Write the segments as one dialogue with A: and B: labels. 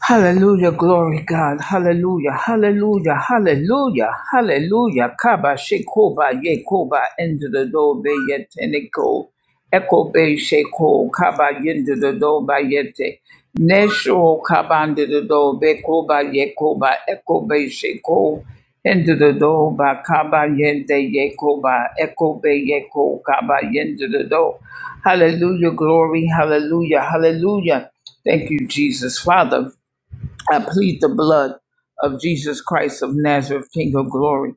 A: Hallelujah, glory God. Hallelujah, hallelujah, hallelujah, hallelujah. Kaba shekoba yekoba into the door be yeteniko. Eko be sheko kaba into the door by yete. Nesho kaba into the door be koba yekoba eko be sheko into the door by kaba yente yekoba eko be yeko kaba into the door. Hallelujah, glory, hallelujah, hallelujah. Thank you, Jesus. Father, I plead the blood of Jesus Christ of Nazareth, King of glory.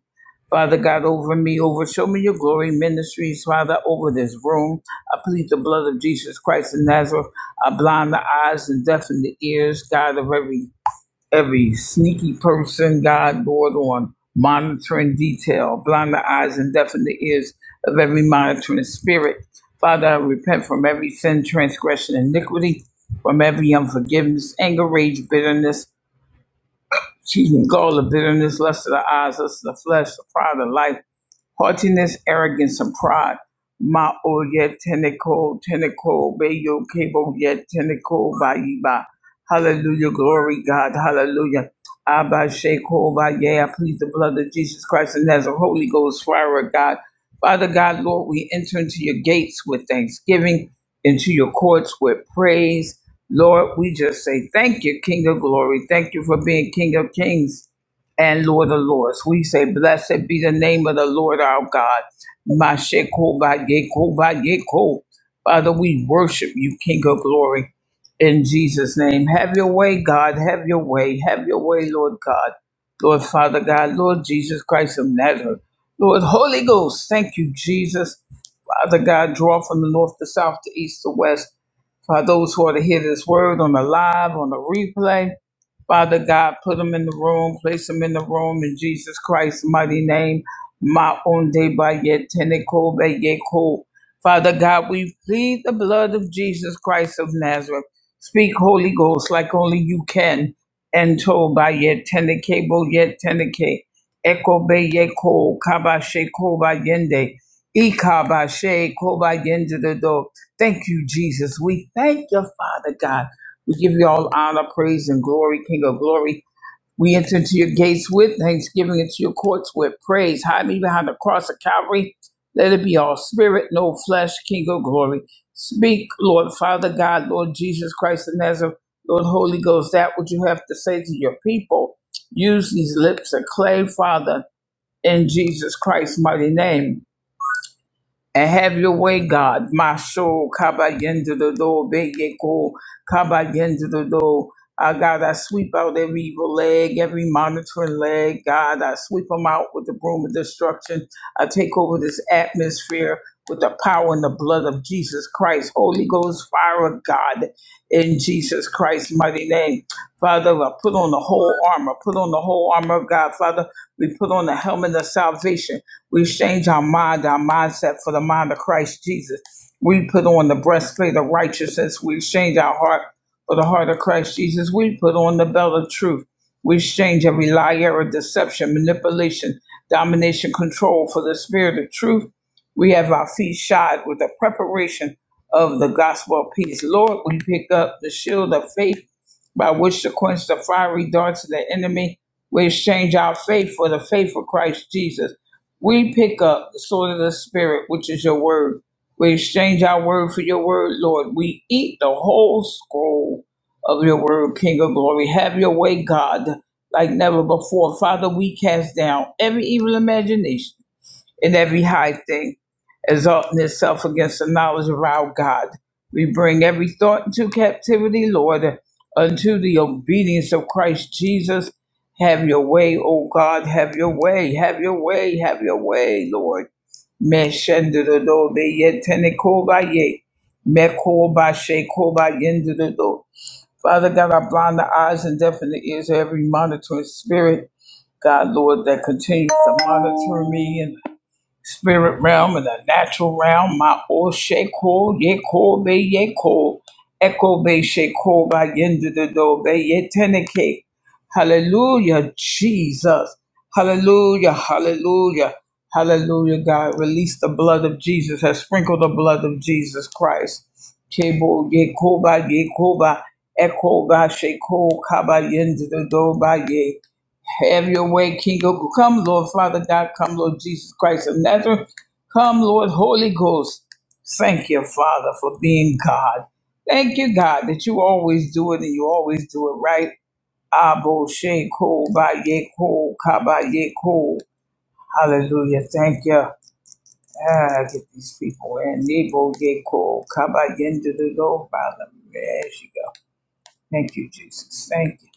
A: Father God, over me, over Show Me Your Glory Ministries, Father, over this room. I plead the blood of Jesus Christ of Nazareth. I blind the eyes and deafen the ears, God, of every every sneaky person, God, board on monitoring detail. Blind the eyes and deafen the ears of every monitoring spirit. Father, I repent from every sin, transgression, iniquity, from every unforgiveness, anger, rage, bitterness. Excuse me, goal of bitterness, lust of the eyes, lust of the flesh, the pride of life, haughtiness, arrogance, and pride. Ma o yet tenico, tenico, beyo cable yet tenico, ba. Hallelujah, glory God, hallelujah. Abba Sheko, ba yeah, I plead the blood of Jesus Christ and as a Holy Ghost fire of God. Father God, Lord, we enter into your gates with thanksgiving, into your courts with praise. Lord, we just say thank you, King of glory. Thank you for being King of kings and Lord of Lords. We say, Blessed be the name of the Lord our God. Mashekova Yekova Yeko. Father, we worship you, King of glory, in Jesus' name. Have your way, God. Have your way. Have your way, Lord God. Lord Father God, Lord Jesus Christ of Nazareth. Lord Holy Ghost, thank you, Jesus. Father God, draw from the north, the south, the east, the west. For those who are to hear this word on the live, on the replay, Father God, put them in the room, place them in the room in Jesus Christ's mighty name. Ma onde ba ye teneko ba ye ko. Father God, we plead the blood of Jesus Christ of Nazareth. Speak Holy Ghost like only you can. And told by ye teneke bo ye teneke. Eko be ye ko kaba she ko ba yende. Ika ba she ko ba yende the do. Thank you, Jesus. We thank you, Father God. We give you all honor, praise, and glory, King of glory. We enter into your gates with thanksgiving, into your courts with praise. Hide me behind the cross of Calvary. Let it be all spirit, no flesh, King of glory. Speak, Lord, Father God, Lord Jesus Christ of Nazareth, Lord Holy Ghost, that which you have to say to your people. Use these lips of clay, Father, in Jesus Christ's mighty name and have your way, God. My soul, kabayendado, beyeko, kabayendado. Uh, God, I sweep out every evil leg, every monitoring leg. God, I sweep them out with the broom of destruction. I take over this atmosphere with the power and the blood of Jesus Christ. Holy Ghost, fire of God, in Jesus Christ's mighty name. Father, I put on the whole armor. Put on the whole armor of God. Father, we put on the helmet of salvation. We exchange our mind, our mindset for the mind of Christ Jesus. We put on the breastplate of righteousness. We exchange our heart for the heart of Christ Jesus. We put on the belt of truth. We exchange every lie, error, deception, manipulation, domination, control for the spirit of truth. We have our feet shod with the preparation of the gospel of peace. Lord, we pick up the shield of faith by which to quench the fiery darts of the enemy. We exchange our faith for the faith of Christ Jesus. We pick up the sword of the Spirit, which is your word. We exchange our word for your word, Lord. We eat the whole scroll of your word, King of glory. Have your way, God, like never before. Father, we cast down every evil imagination in every high thing, exalting itself against the knowledge of our God. We bring every thought into captivity, Lord, unto the obedience of Christ Jesus. Have your way, O God, have your way, have your way, have your way, Lord. Me shende be ye tene ye. Me ko she ko ba Father God, I blind the eyes and deafen the ears of every monitoring spirit, God, Lord, that continues to monitor me and spirit realm and the natural realm. My Osheko, Yeko, Be Yeko, Eko, Be Sheko, Ba Yendu the Do, Be Yeteneke. Hallelujah, Jesus. Hallelujah, hallelujah, hallelujah, God. Release the blood of Jesus, has sprinkled the blood of Jesus Christ. Kebo, Yeko, Ba Yeko, Ba Eko, Ba Sheko, Kaba Yendu the Do, Ba Ye. Have your way, King of Come, Lord Father God. Come, Lord Jesus Christ of Nazareth. Come, Lord Holy Ghost. Thank you, Father, for being God. Thank you, God, that you always do it and you always do it right. Abo she ko ba ye ko ka ba ye ko. Hallelujah. Thank you. Ah, get these people in. Nebo ye ko ka ba yen do do do. Father. There you go. Thank you, Jesus. Thank you.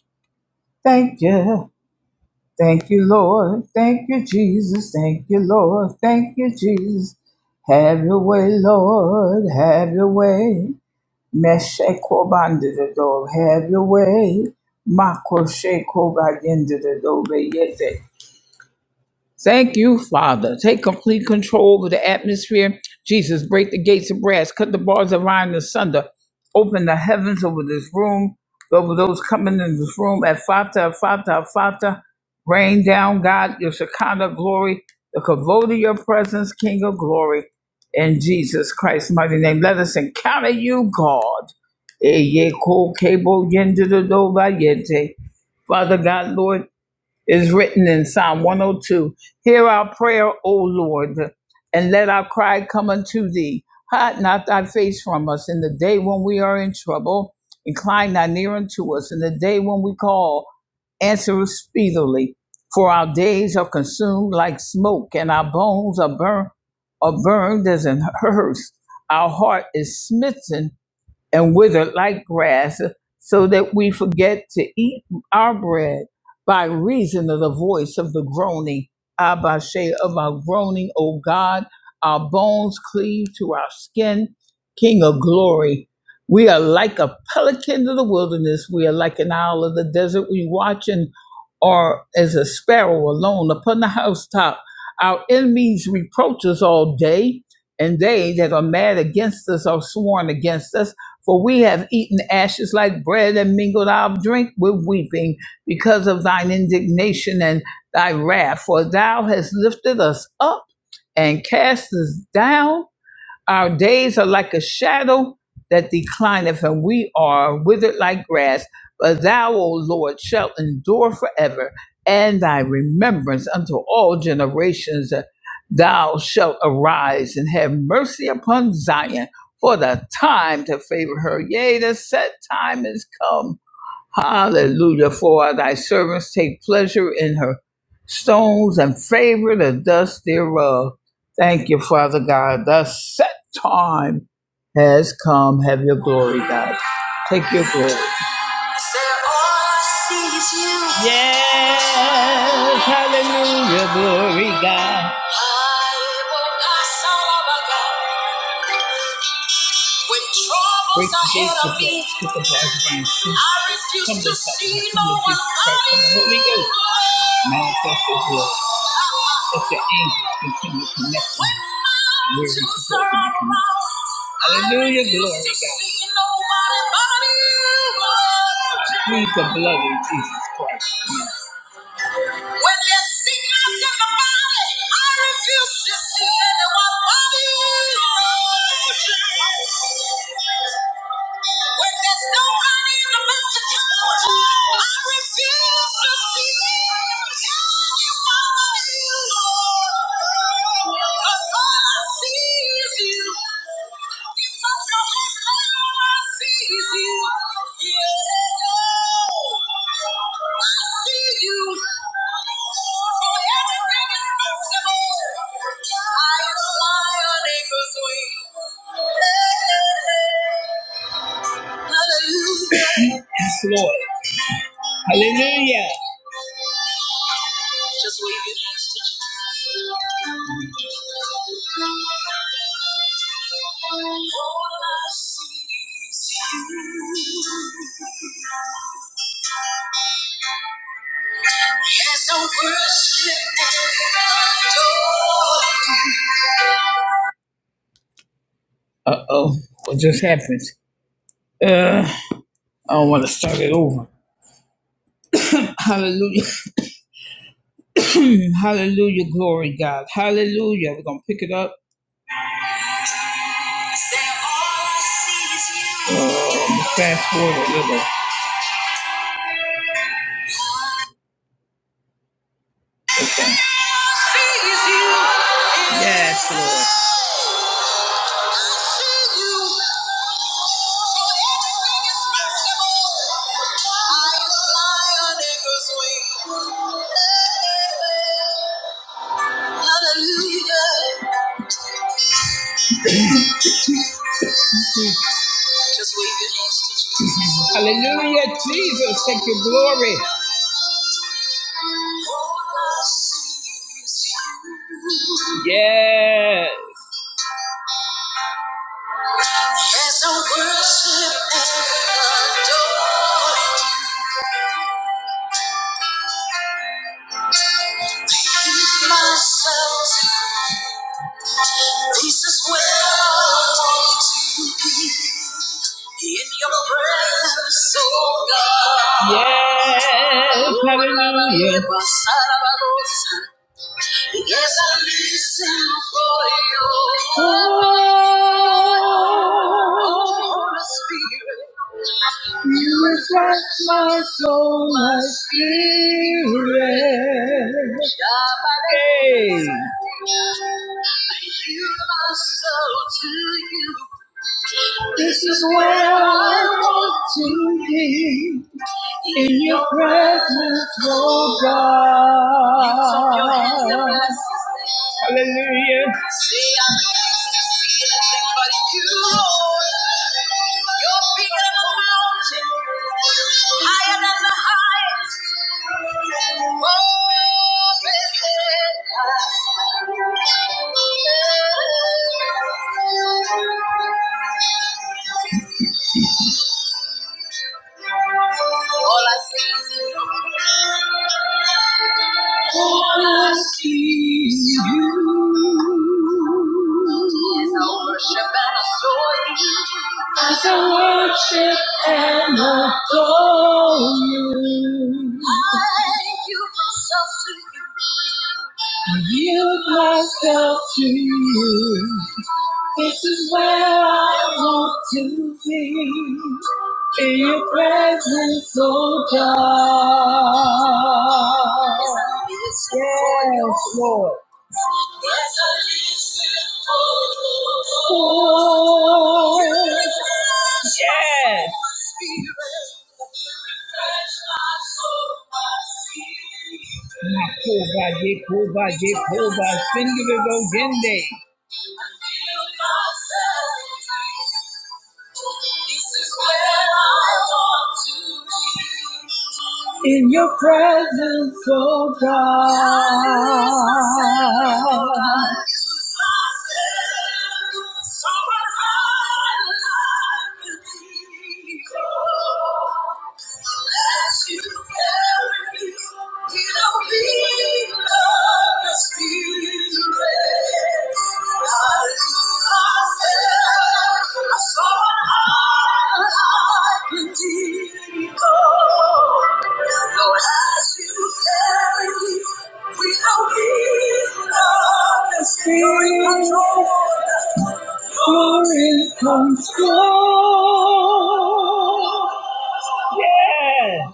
A: Thank you. Thank you, Lord. Thank you, Jesus. Thank you, Lord. Thank you, Jesus. Have your way, Lord. Have your way. Mesheko banded the door. Have your way. Mako sheko bandidado. Thank you, Father. Take complete control over the atmosphere. Jesus, break the gates of brass, cut the bars of iron asunder, open the heavens over this room, over those coming in this room at Fata, Fata, Fata. Rain down, God, your Shekinah glory, the kavod of your presence, King of glory. In Jesus Christ's mighty name, let us encounter you, God. Eye ko kebo yende do do ba yente. Father God, Lord, is written in Psalm 102. Hear our prayer, O Lord, and let our cry come unto thee. Hide not thy face from us in the day when we are in trouble. Incline thy ear unto us in the day when we call. Answer us speedily, for our days are consumed like smoke, and our bones are burn are burned as an hearse. Our heart is smitten and wither like grass, so that we forget to eat our bread by reason of the voice of the groaning, Abba Shea, of our groaning, O God, our bones cleave to our skin, King of glory. We are like a pelican of the wilderness. We are like an owl of the desert. We watch and are as a sparrow alone upon the housetop. Our enemies reproach us all day, and they that are mad against us are sworn against us. For we have eaten ashes like bread and mingled our drink with weeping because of thine indignation and thy wrath. For thou hast lifted us up and cast us down our days are like a shadow that declineth, and we are withered like grass. But thou, O Lord, shalt endure forever, and thy remembrance unto all generations. Thou shalt arise and have mercy upon Zion, for the time to favor her. Yea, the set time is come Hallelujah. For thy servants take pleasure in her stones and favor the dust thereof. Thank you, Father God. The set time has come. Have your glory, God. Take your glory. Yes, hallelujah, glory, God. When troubles ahead of me, I refuse to see no one running. When mountains are around, I refuse to see nobody but you. Manifest your glory. Let your angels continue to connect me where you're supposed to be connected. Hallelujah, glory to God. I plead the blood of Jesus Christ. When there's sickness in the body, I refuse to see anyone body erosion. When there's nobody in the mental couch, I refuse to see anyone body erosion. Cause all I see is you. Lift up your hands, all I see is you. Yeah. Yes, Lord. Hallelujah. Just wave your hands to Jesus. All I see is you. As I worship and adore. Uh oh. What just happened? Uh, I don't want to start it over. Hallelujah. Hallelujah, glory God. Hallelujah. We're gonna pick it up. Say, "All Oh, fast forward a little. Okay. See is Yes, Lord. So Hallelujah. Just wave your hands to Jesus. Hallelujah, Jesus. take your glory. Yes. As I worship and adore you. give myself to you. This is where I want to be. In your presence, oh God. Yes, hallelujah. Yes, I listen for your Holy Spirit. You refresh my soul, my spirit. Hey. I yield myself to you. This is where I want to be in your presence, oh God. Hallelujah. You're bigger than than a mountain, higher than the highest. All I see is you. All I see is you. Yes, I worship and adore you. As I worship and adore you. I yield myself to you. I yield myself to you. This is where I want to be. In your presence, oh God. Yes, Lord. Oh, yes. Makoba, Yekoba, Yekoba, Sindirigo, Gende. In your presence, oh God. Lord, as you. carry me, we don't need love and spirit control. Spirit control. Yeah.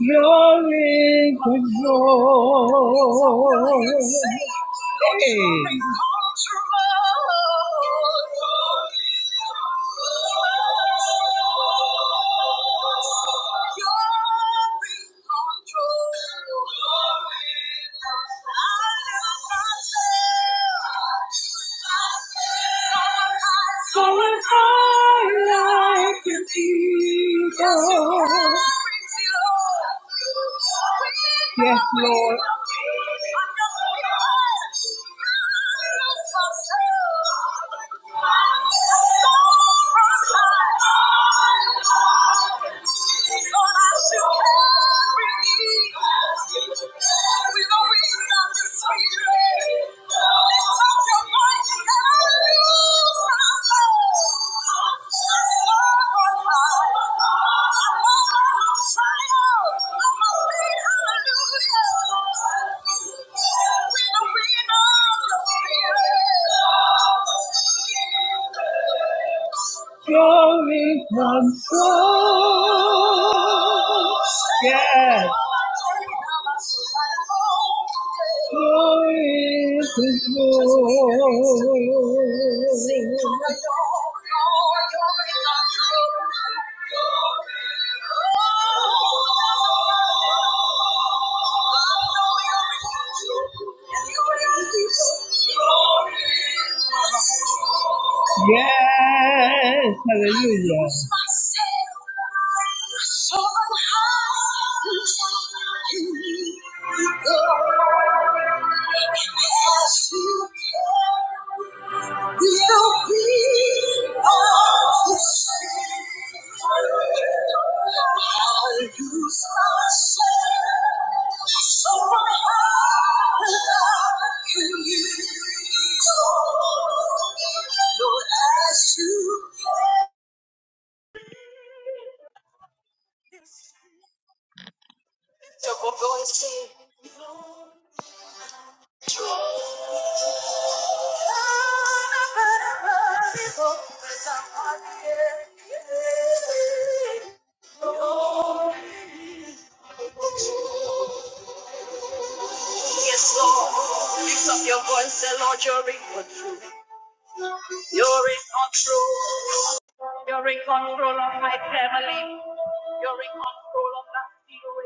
A: You're in control. Hey. So it's hard. Yes, Lord. We don't really Hallelujah. You're in control. Yeah. You're in control. Yes, hallelujah. Lord, as you Double voice say, Yes, Lord. Lift up your voice, say, Lord, you're in control. You're in control. You're in control of my family. You're in control of that situation.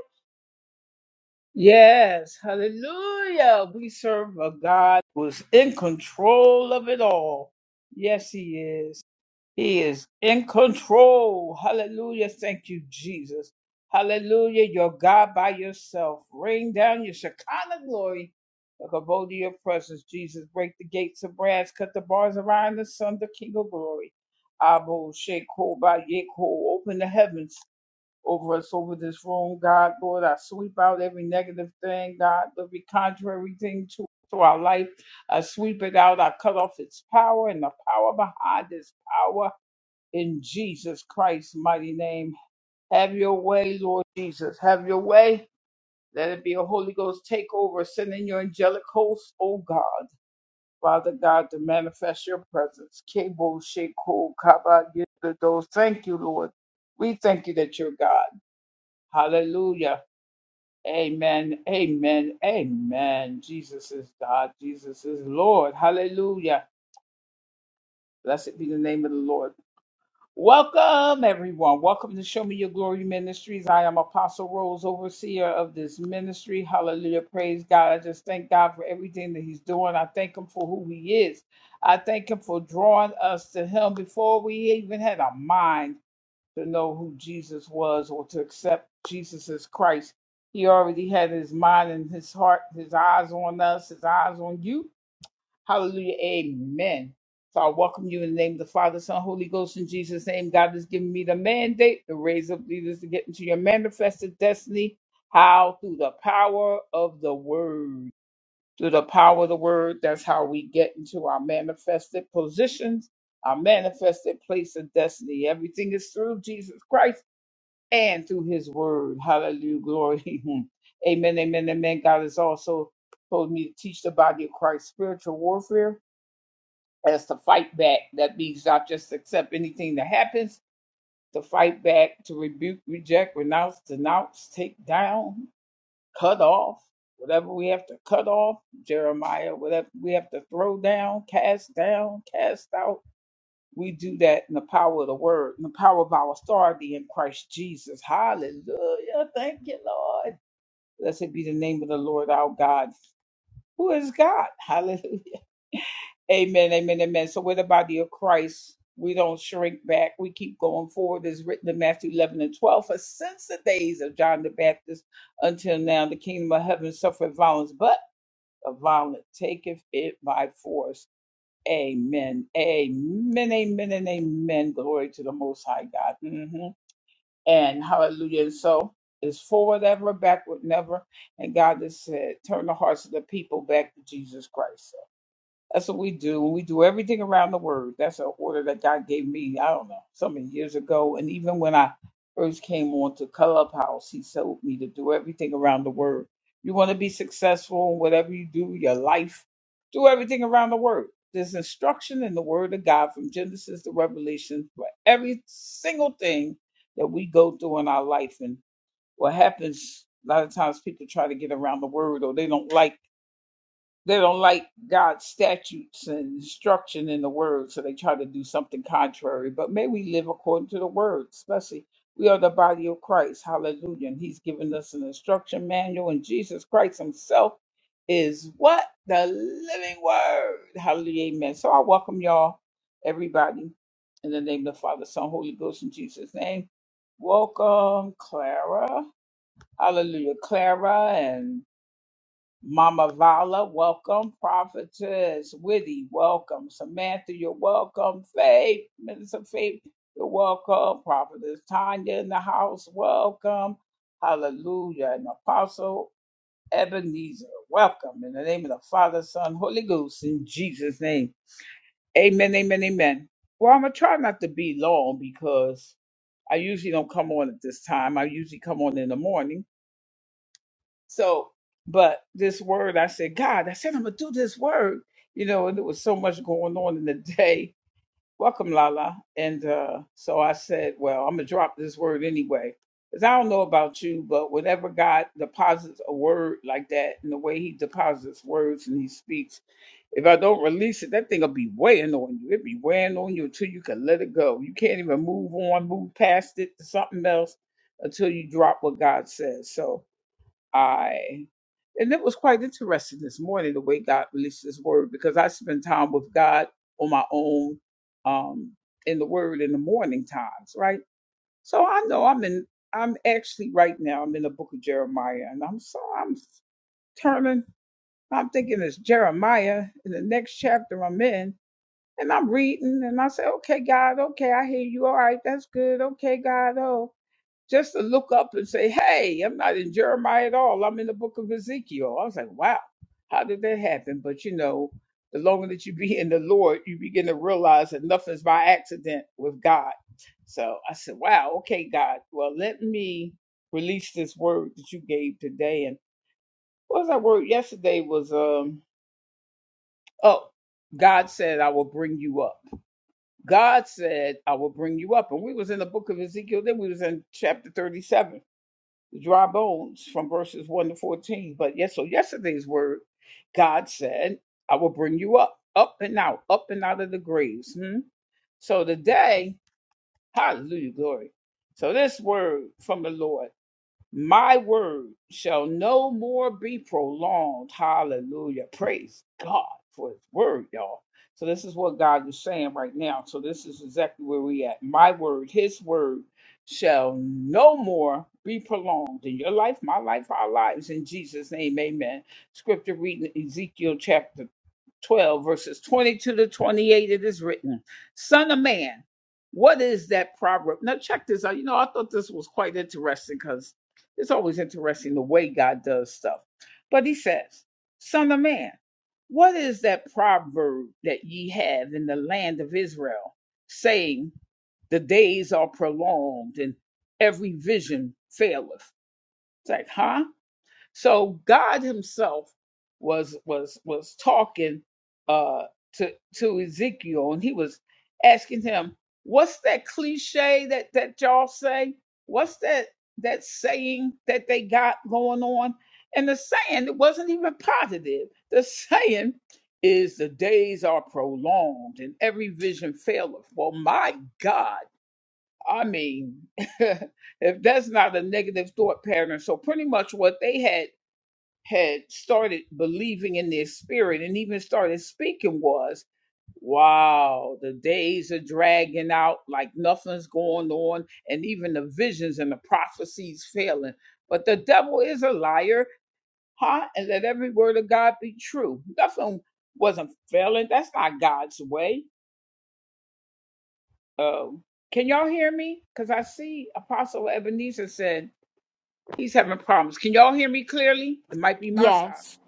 B: Yes.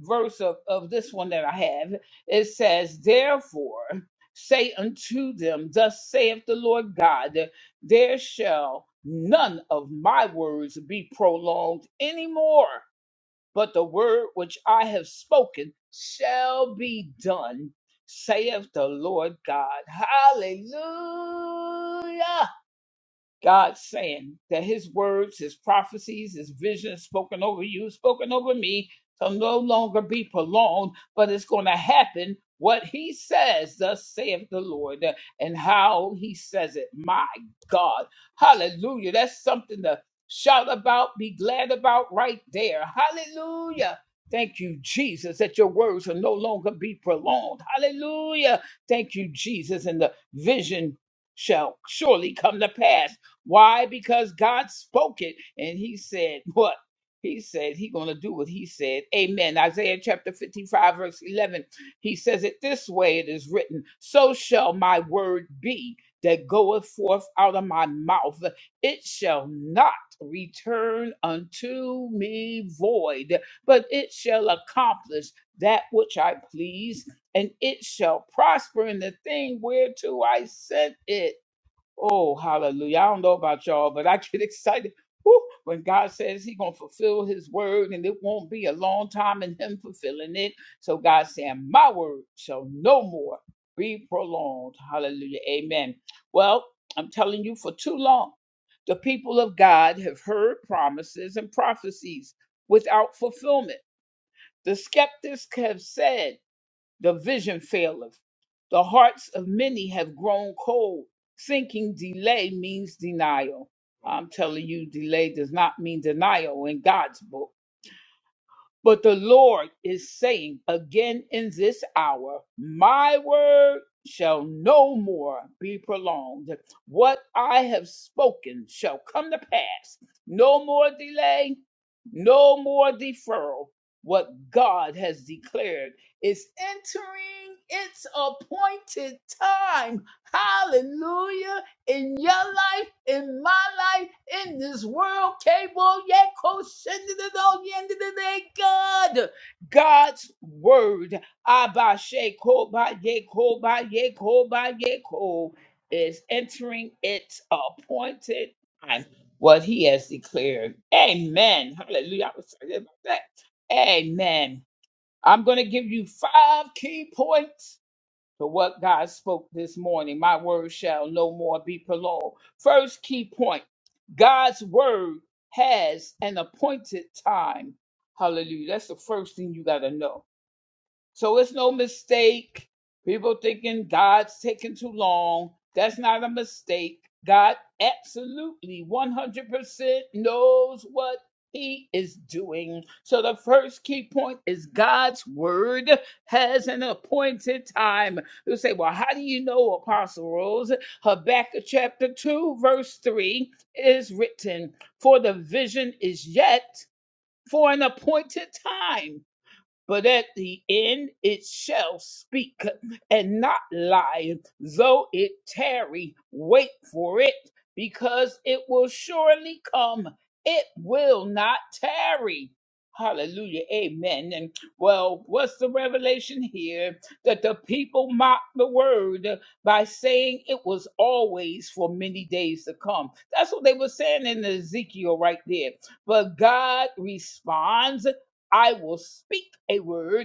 A: verse of, of this one that I have, it says, Therefore say unto them, Thus saith the Lord God, there shall none of my words be prolonged anymore shall be done, saith the Lord God. Hallelujah. God, that his words, his prophecies, his visions spoke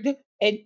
A: and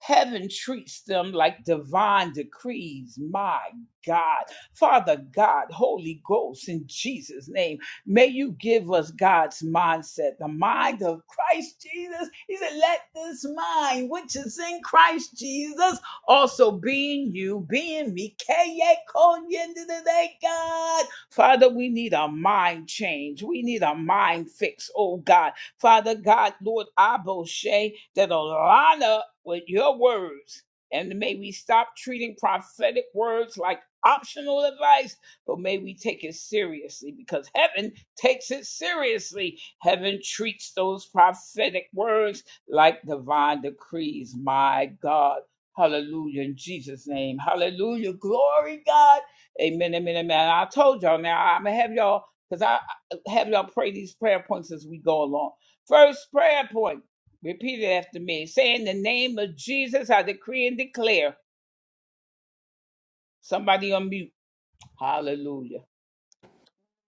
A: Heaven treats them like divine decrees. My God. Father God, Holy Ghost, in Jesus' name, may you give us God's mindset, the mind of Christ Jesus. He said, Let this mind, which is in Christ Jesus, also be in you, be in me. Kaye konye today, God. Father, we need a mind change. We need a mind fix, oh God. Father God, Lord,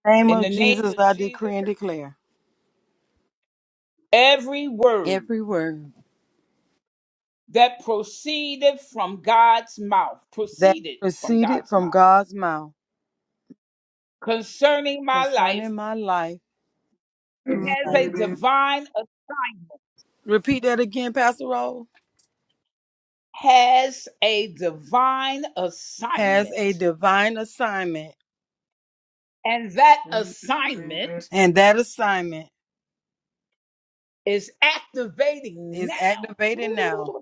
C: name of Jesus, I decree and declare every word that proceeded from God's mouth concerning my life. Repeat that again, Pastor Roll. Has a divine assignment, and that assignment is activated now.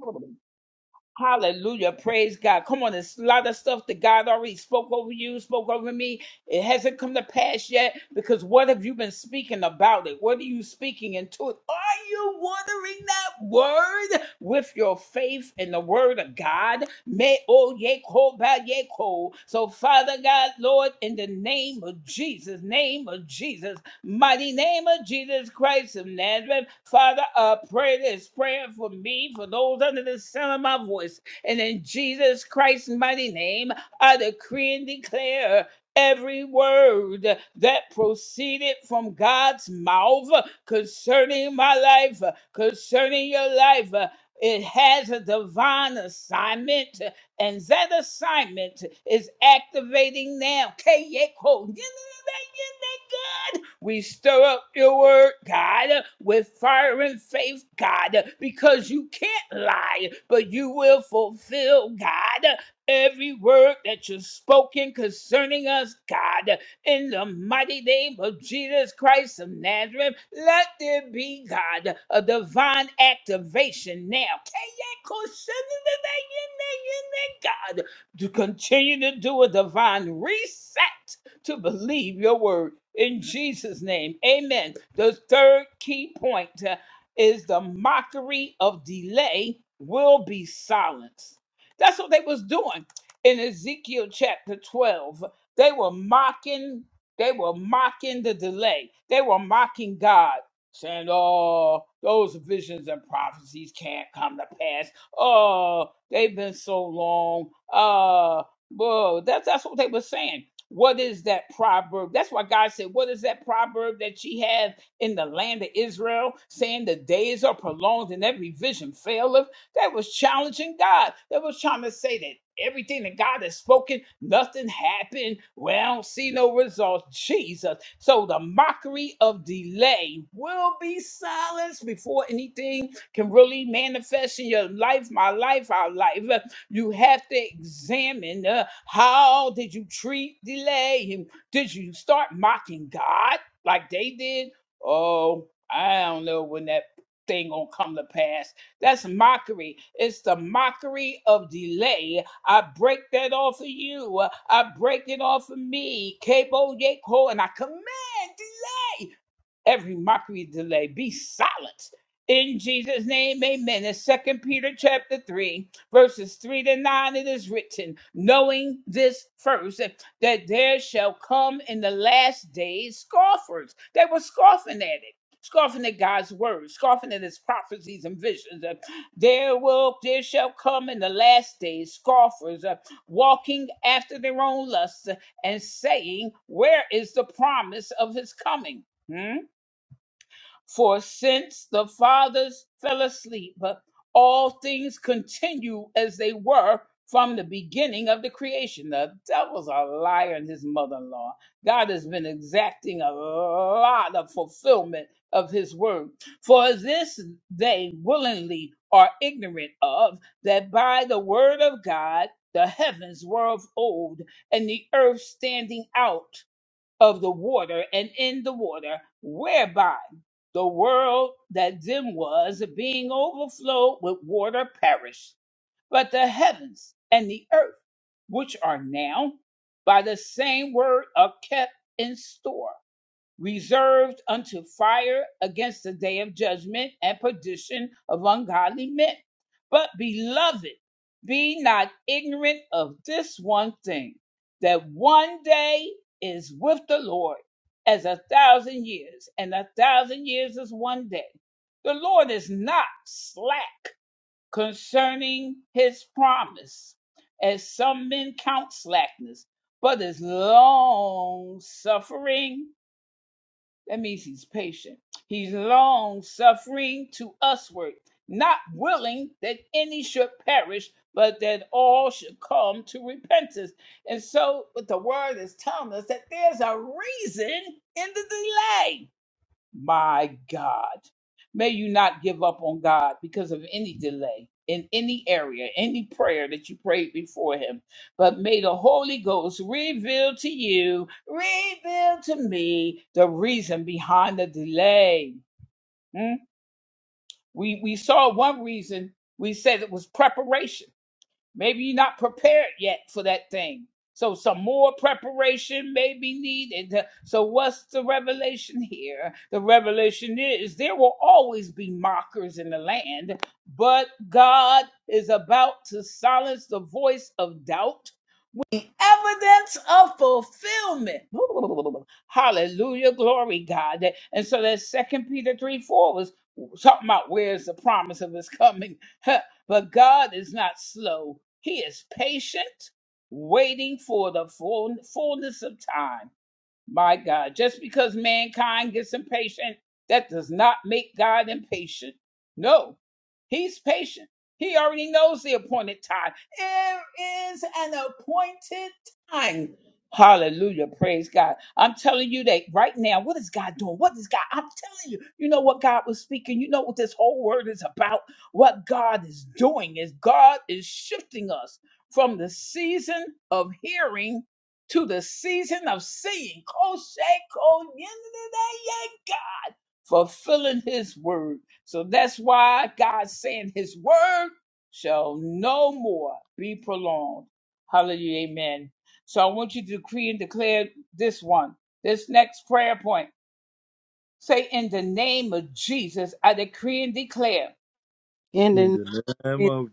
C: In
D: In
C: the
D: the name
C: name
D: of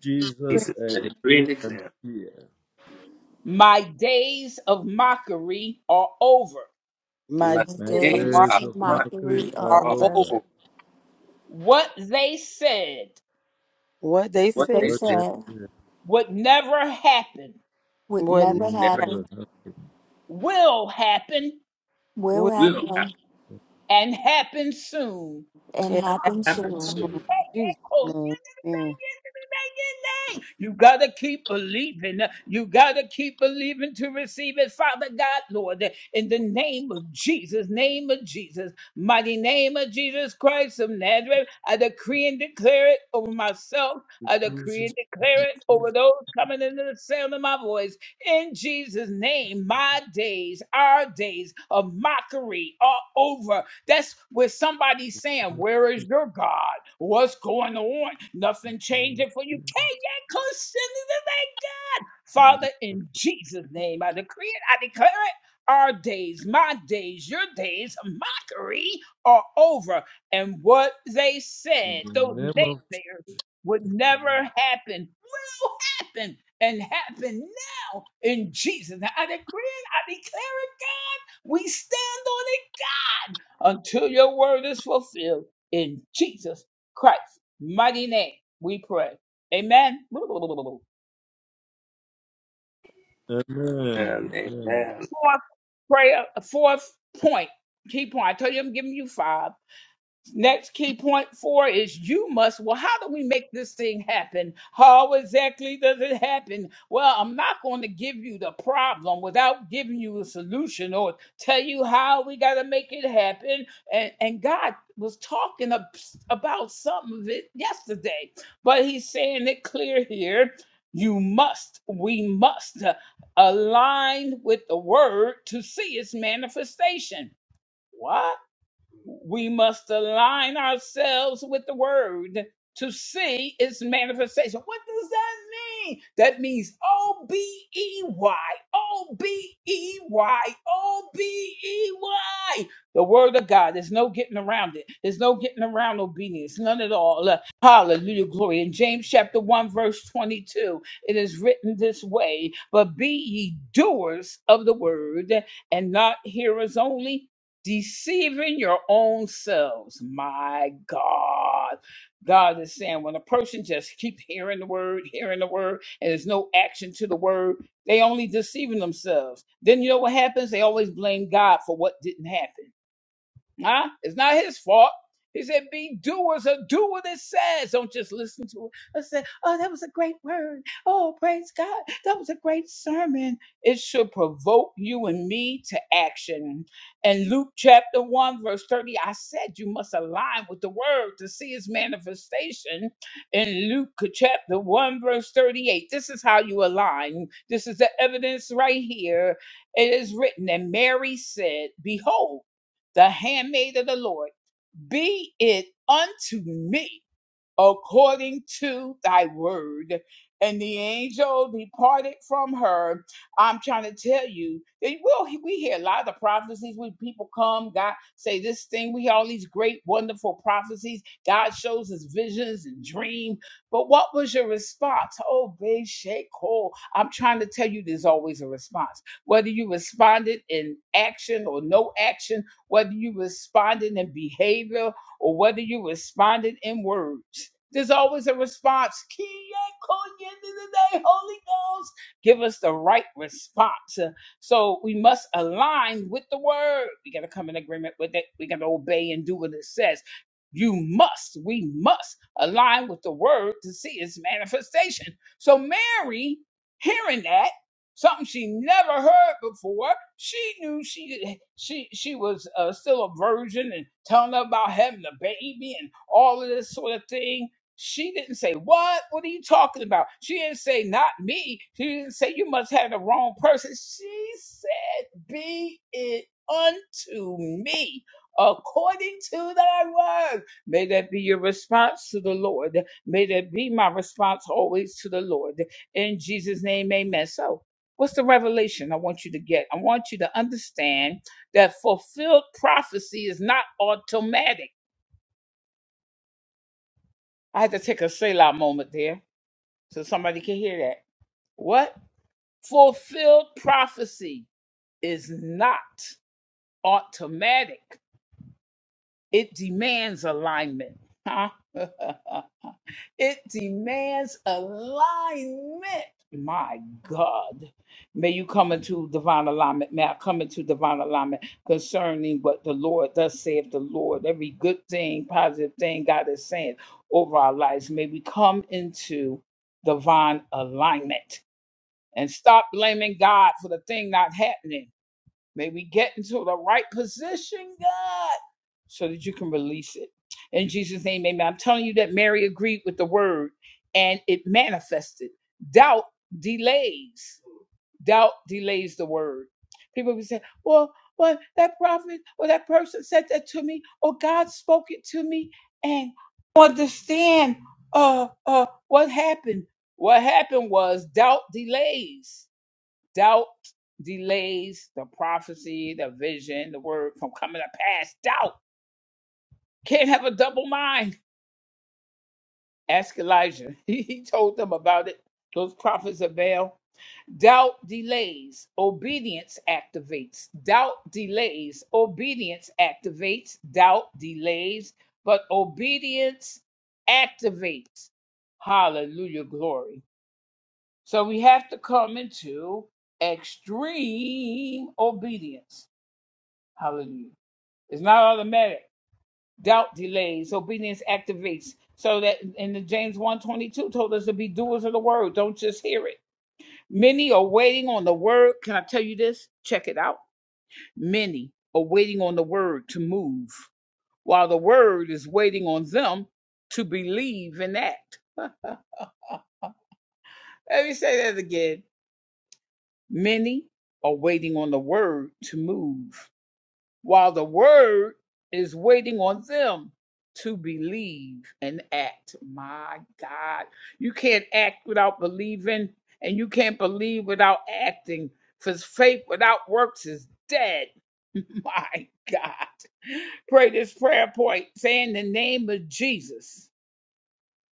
C: of Jesus,
D: Jesus,
E: Jesus,
D: I
E: I decree
D: decree
E: and
D: and
E: declare
D: declare
C: my
E: my
B: The
D: my
C: days of
E: days
C: mark
B: days
D: days
E: of
B: of
D: of mockery
B: mockery
E: mockery
B: are
D: are
C: are
E: are
B: over.
C: over.
D: over.
E: over.
C: What they
E: What
C: said
B: They
E: they
D: What
E: said
D: the
B: said
D: hell?
B: would
C: would never
D: we
B: never
D: know
E: never
C: happen.
B: happen, will
C: Would-
E: will happen,
B: happen, and
C: In
B: happen
E: happen
B: soon.
C: Adam,
E: soon.
C: Jesus' name, amen.
D: in the name of Jesus. In the name of Jesus. Amen.
E: And
D: Amen.
E: amen.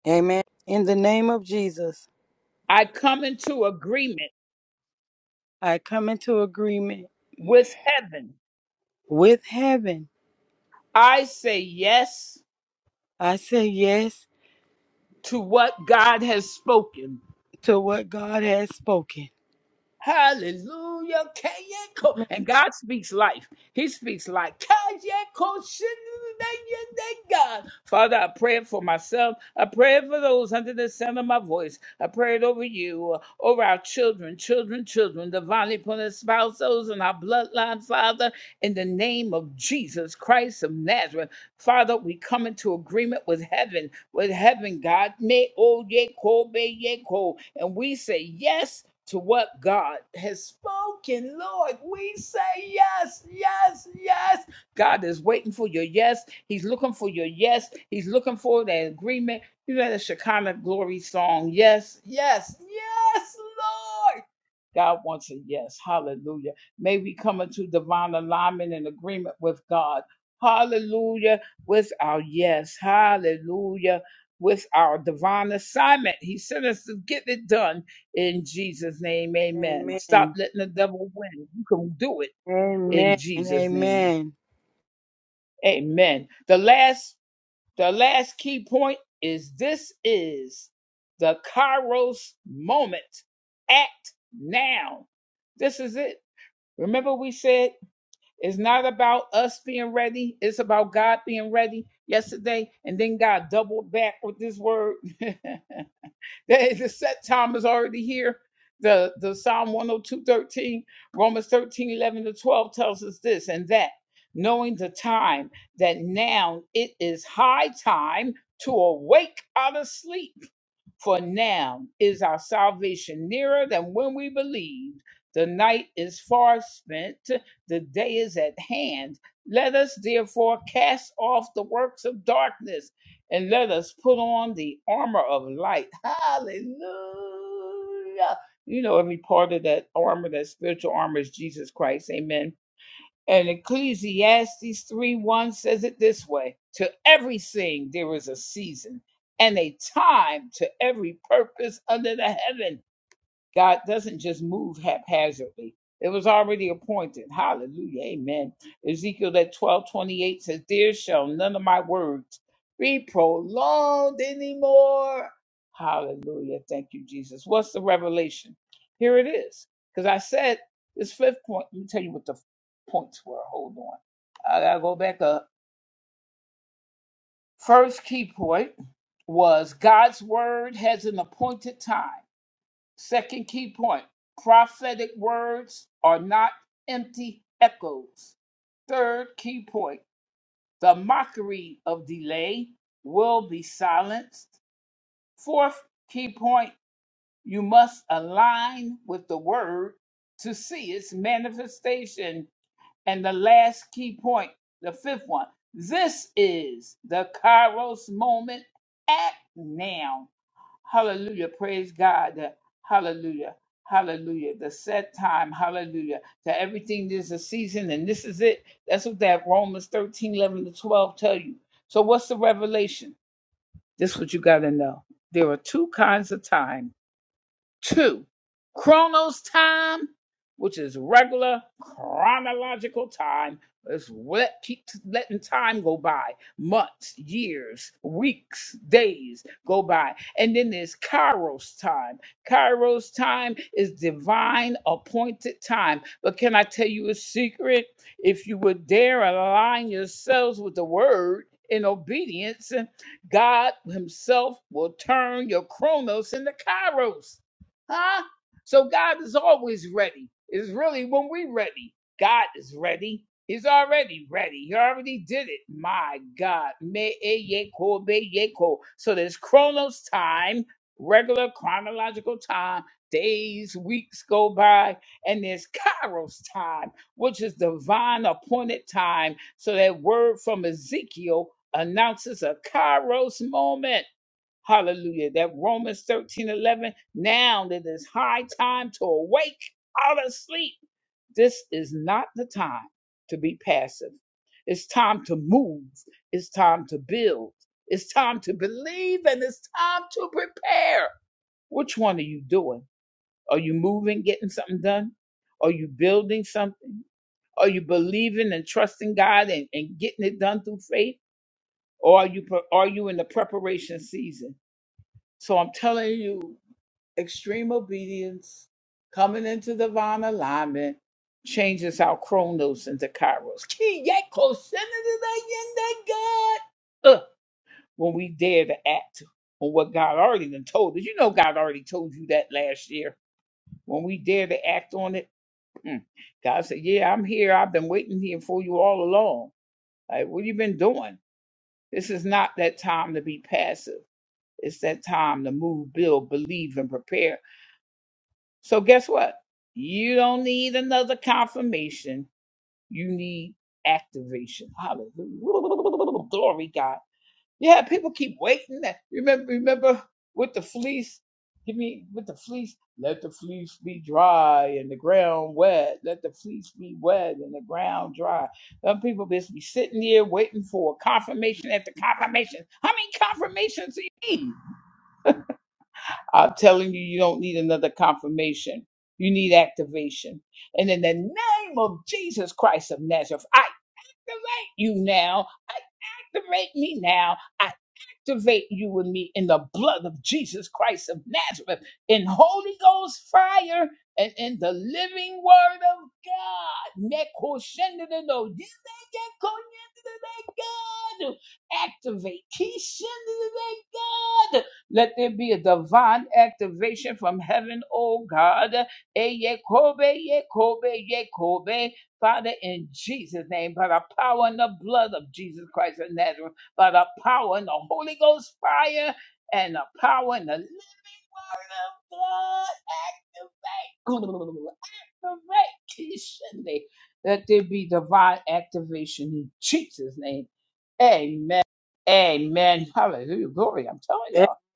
C: Amen. In the name of Jesus, I come into agreement with heaven. I say yes to what God has spoken.
A: in the name of Jesus Christ of Nazareth.
C: Amen. Amen. Amen. Amen.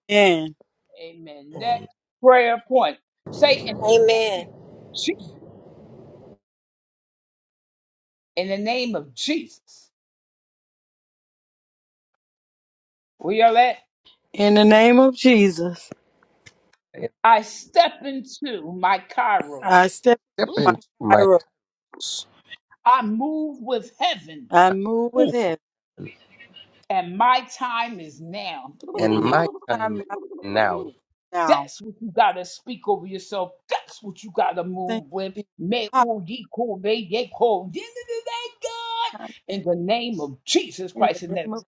C: In
E: Amen.
F: Amen.
C: the name of Jesus, I step
E: Step
C: in my
E: into my
C: Cairo.
E: house,
C: I move with heaven
E: and
C: in my
E: my time
C: time right
E: now.
C: now. Thank you, Jesus. In the name of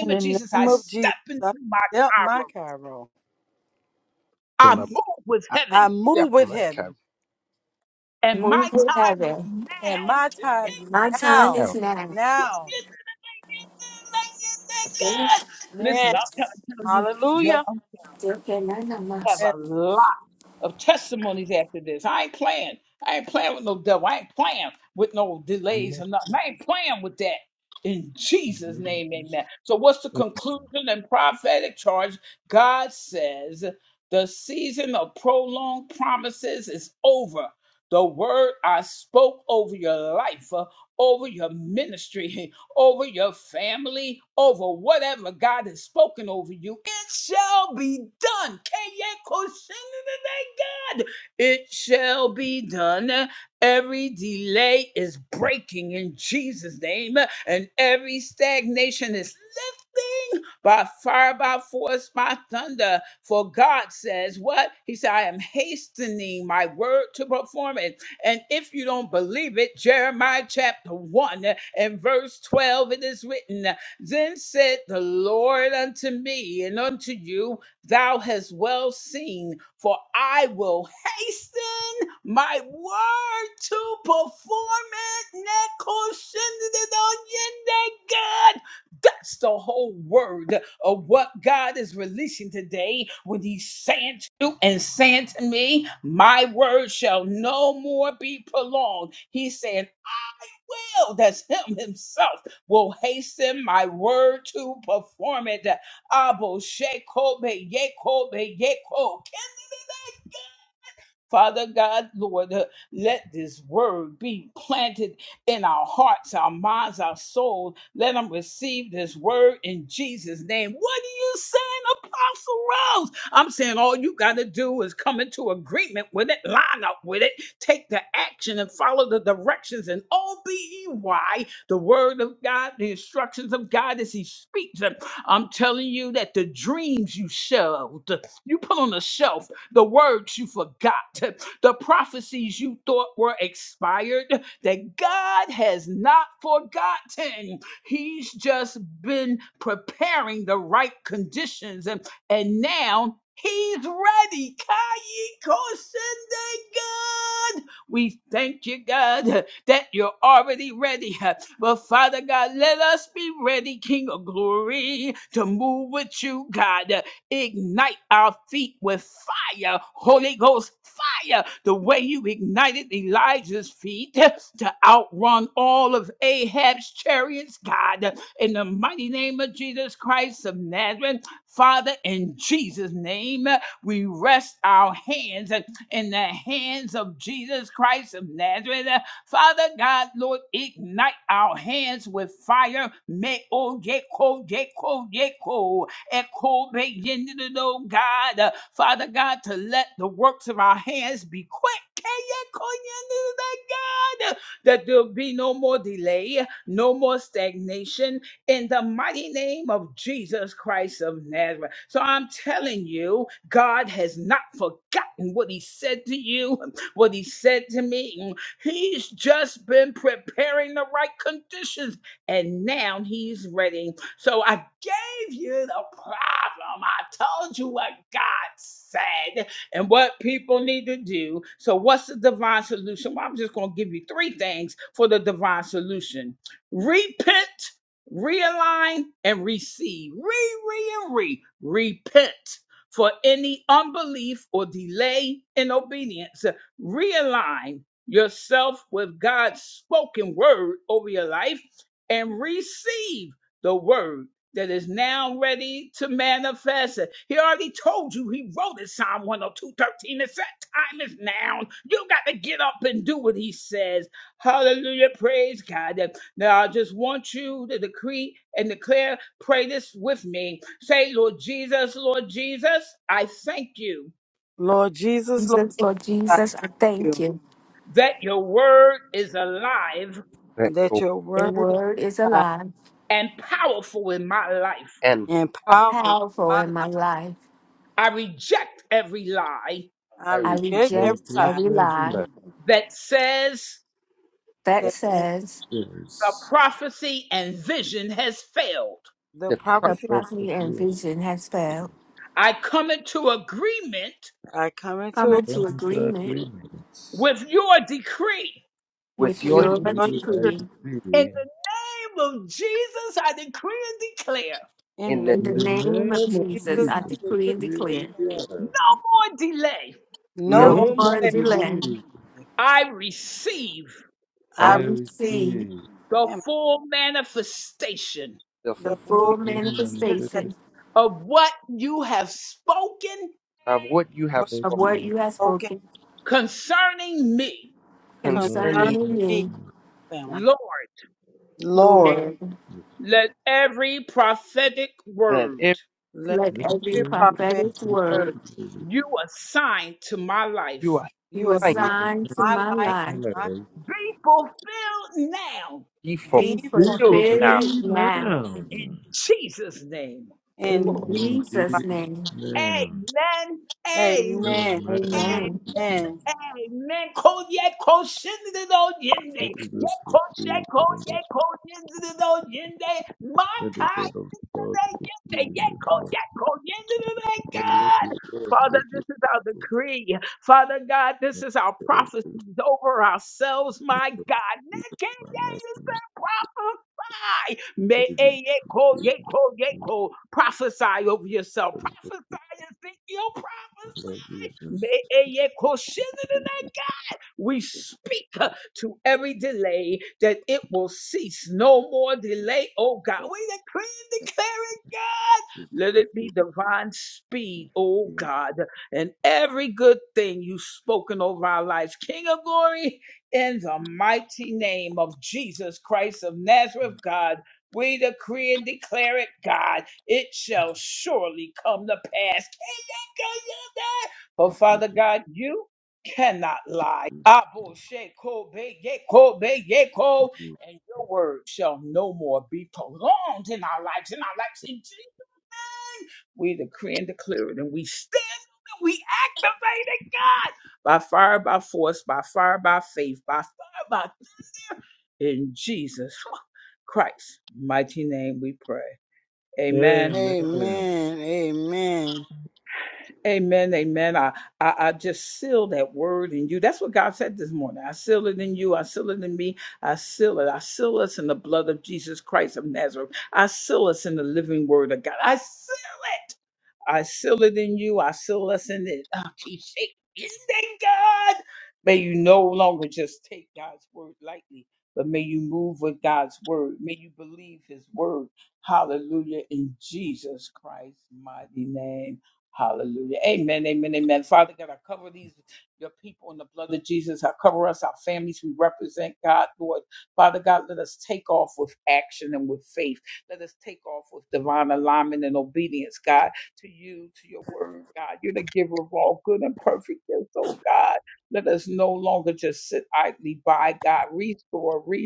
C: in the name of Jesus, I step my Cairo.
E: Will I I
C: I
E: step
C: move with
E: my time
C: heaven
B: Move with heaven.
C: in my time
B: And my time
C: now.
B: is
E: now?
B: now.
C: Now. Amen.
B: Jesus,
C: Hallelujah.
B: still can I not must.
D: Amen.
C: Lord Jesus, Lord,
B: Jesus, Lord
C: thank
B: Jesus, I thank
C: you
B: you.
E: Let
C: that
E: go
C: your
B: Your
C: word is
B: word is
C: alive
B: alive,
E: and
C: and
E: how
C: powerful in
B: powerful
C: my
B: in my
C: life.
B: life.
C: I
E: I
B: I
E: regret
C: reject
D: I
C: every
B: reject
C: lie
D: reject
B: every
D: every
B: lie
D: lie.
B: that
C: that
B: says
D: Yes.
C: the
E: the pro-
D: I
B: the
C: prophecy
B: prophecy and
D: prophecy.
B: vision has
D: I
B: failed.
C: I come
B: Come
C: into
D: come
B: into
D: into
B: agreement
D: agreement
B: with
E: with your
D: with
C: with
E: de-
B: your
D: you.
C: your
D: I
C: decree
B: decree.
D: decree
C: in
E: in
C: the
E: the
B: In
D: in
B: the
D: the
C: name
B: name of
D: name of
C: of
B: Jesus,
C: Jesus.
B: I
C: I
D: Jesus. I
B: decree
C: decree
B: and
C: and
B: declare
C: declare
D: decree.
C: no
B: no
E: no
C: more
D: No
B: more
D: more
C: delay.
B: delay.
D: delay. I
E: I
C: I
B: I
E: regret
D: receive
C: receive
B: receive
D: the
C: family,
E: the
B: the
C: the
B: full
C: full
E: fullness
D: divine
C: mistake
D: manifestation
B: manifestation
E: of what you have
C: was
D: of
B: of
E: spoken
B: what
D: you
B: you have
C: spoken
B: spoken
E: concerning
B: concerning
D: concerning
C: concerning me,
B: me,
C: family. Lord,
B: Lord.
D: me.
E: that every
C: let
B: Let
D: Let
E: prophetic
B: every
C: every
E: word.
D: your
C: prophetic
B: prophetic
C: word
B: word
E: You are
C: you
B: you
E: trying,
D: you
C: assign
D: are
E: man.
B: assign
C: to
B: to
C: my
B: my
C: life,
B: life
C: my
D: alive.
E: He
C: be
B: be
D: Be
C: fulfilled
E: fulfilled now,
B: fulfilled
D: fulfilled
B: now.
D: now.
C: In
B: In
C: Jesus'
D: In
B: Jesus'
C: mighty-
D: Jesus'
B: name,
D: name.
A: Amen. Amen.
C: Amen.
D: Amen.
E: man.
B: amen.
C: Amen.
A: Amen. Ko ye ko shinde do yende.
D: Let it be
A: Ye
D: fulfilled
A: ko she ko
D: in the
A: ye
D: most.
A: ko yende do yende. Ma
D: Let the
A: ka
D: word of God
A: ye
D: fulfill
A: yende.
D: in
A: Ye
D: the
A: ko
D: most.
A: ye
D: But let your word, let your fulfill. Let your word fulfill in my life, in my life. Lord Jesus. Jesus. Jesus. Amen.
C: Amen.
D: Amen.
C: Amen.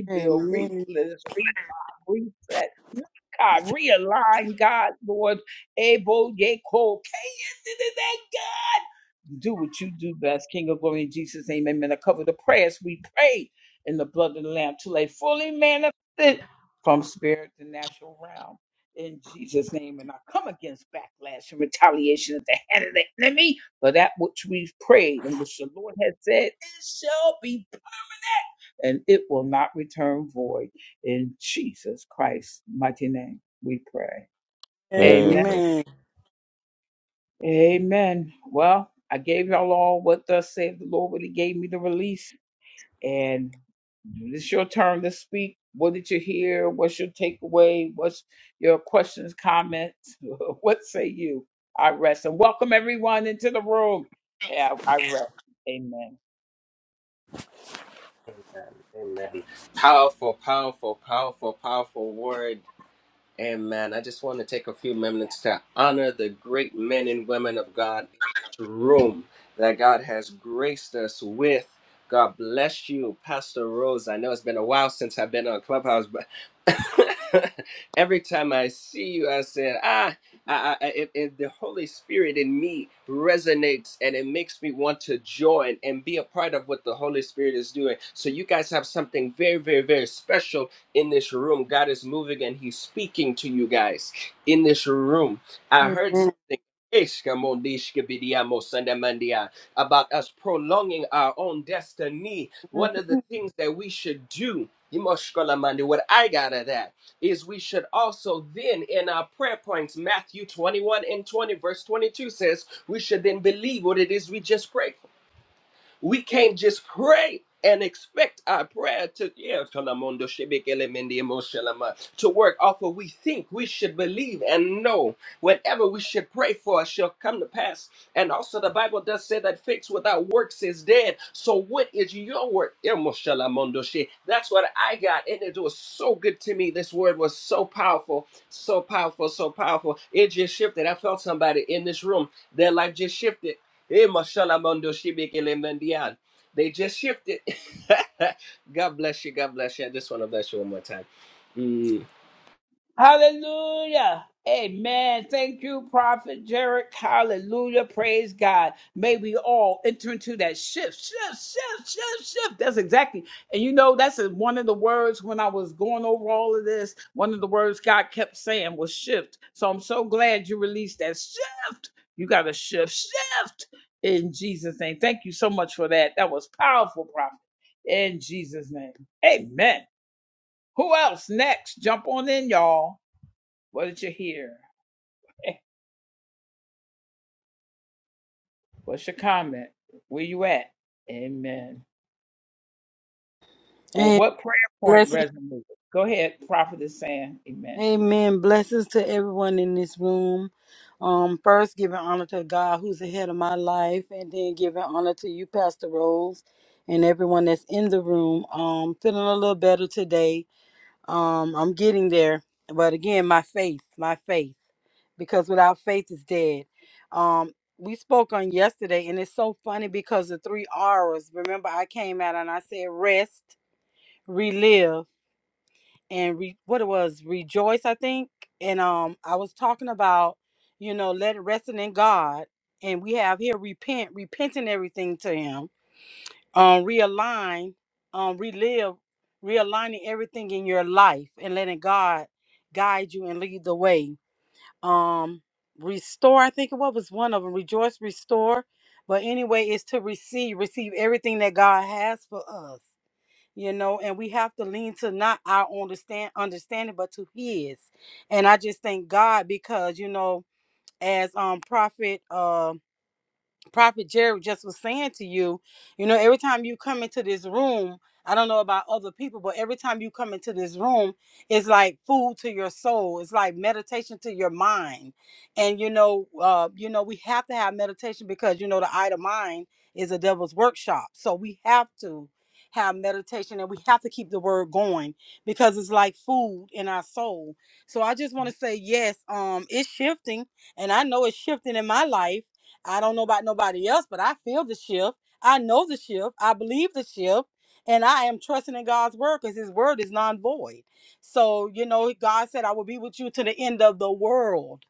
C: Amen.
E: Amen.
C: Amen.
E: Amen. Powerful, powerful, powerful, powerful word. Amen. I just want to take a few minutes to honor the great men and women of God in this room that God has graced us with. God bless you, Pastor Rose. I know it's been a while since I've been on Clubhouse, but every time I see you, I said, ah, I, I, it, it- the Holy Spirit in me resonates and it makes me want to join and be a part of what the Holy Spirit is doing. So, you guys have something very, very, very special in this room. God is moving and He's speaking to you guys in this room. I heard
C: Amen.
E: something about us prolonging our own destiny. One of the things that we should do. What I got of that is we should also then in our prayer points, Matthew 21 and 20, verse 22 says, we should then believe what it is we just prayed for. We can't just pray and expect our prayer to yeah, Talamondo Shebekele Mende Emoshalama, to work off what we think we should believe and know. Whatever we should pray for shall come to pass. And also the Bible does say that faith without works is dead. So what is your work? Emoshalamondo She. That's what I got. And it was so good to me. This word was so powerful, so powerful, so powerful. It just shifted. I felt somebody in this room. Their life just shifted Eh, mashalamondo shibikele mandian. They just shifted. God bless you. God bless you. I just want to bless you one more time. Mm.
C: And blessings. Amen. Blessings to everyone in this room. Um, first giving honor to God who's ahead of my life, and then giving honor to you, Pastor Rose, and everyone that's in the room. Um, feeling a little better today. Um, I'm getting there, but again, my faith, my faith, because without faith is dead. Um, we spoke on yesterday, and it's so funny because the three R's. Remember, I came out and I said rest, relive, and re- what it was, rejoice. I think, and um, I was talking about, you know, let it resting in God, and we have here repent, repenting everything to Him um, realign, um, relive, realigning everything in your life and letting God guide you and lead the way. Um, restore, I think what was one of them, rejoice, restore. But anyway, it's to receive, receive everything that God has for us. You know, and we have to lean to not our understand understanding, but to His. And I just thank God because you know, as um Prophet um Prophet Jerry just was saying to you, you know, every time you come into this room, I don't know about other people, but every time you come into this room, it's like food to your soul. It's like meditation to your mind. And you know, uh, you know, we have to have meditation because you know the eye to mind is a devil's workshop. So we have to have meditation and we have to keep the word going because it's like food in our soul. So I just want to say yes, um, it's shifting and I know it's shifting in my life I don't know about nobody else, but I feel the shift. I know the shift. I believe the shift. And I am trusting in God's word because his word is non void. So, you know, God said, I will be with you to the end of the world.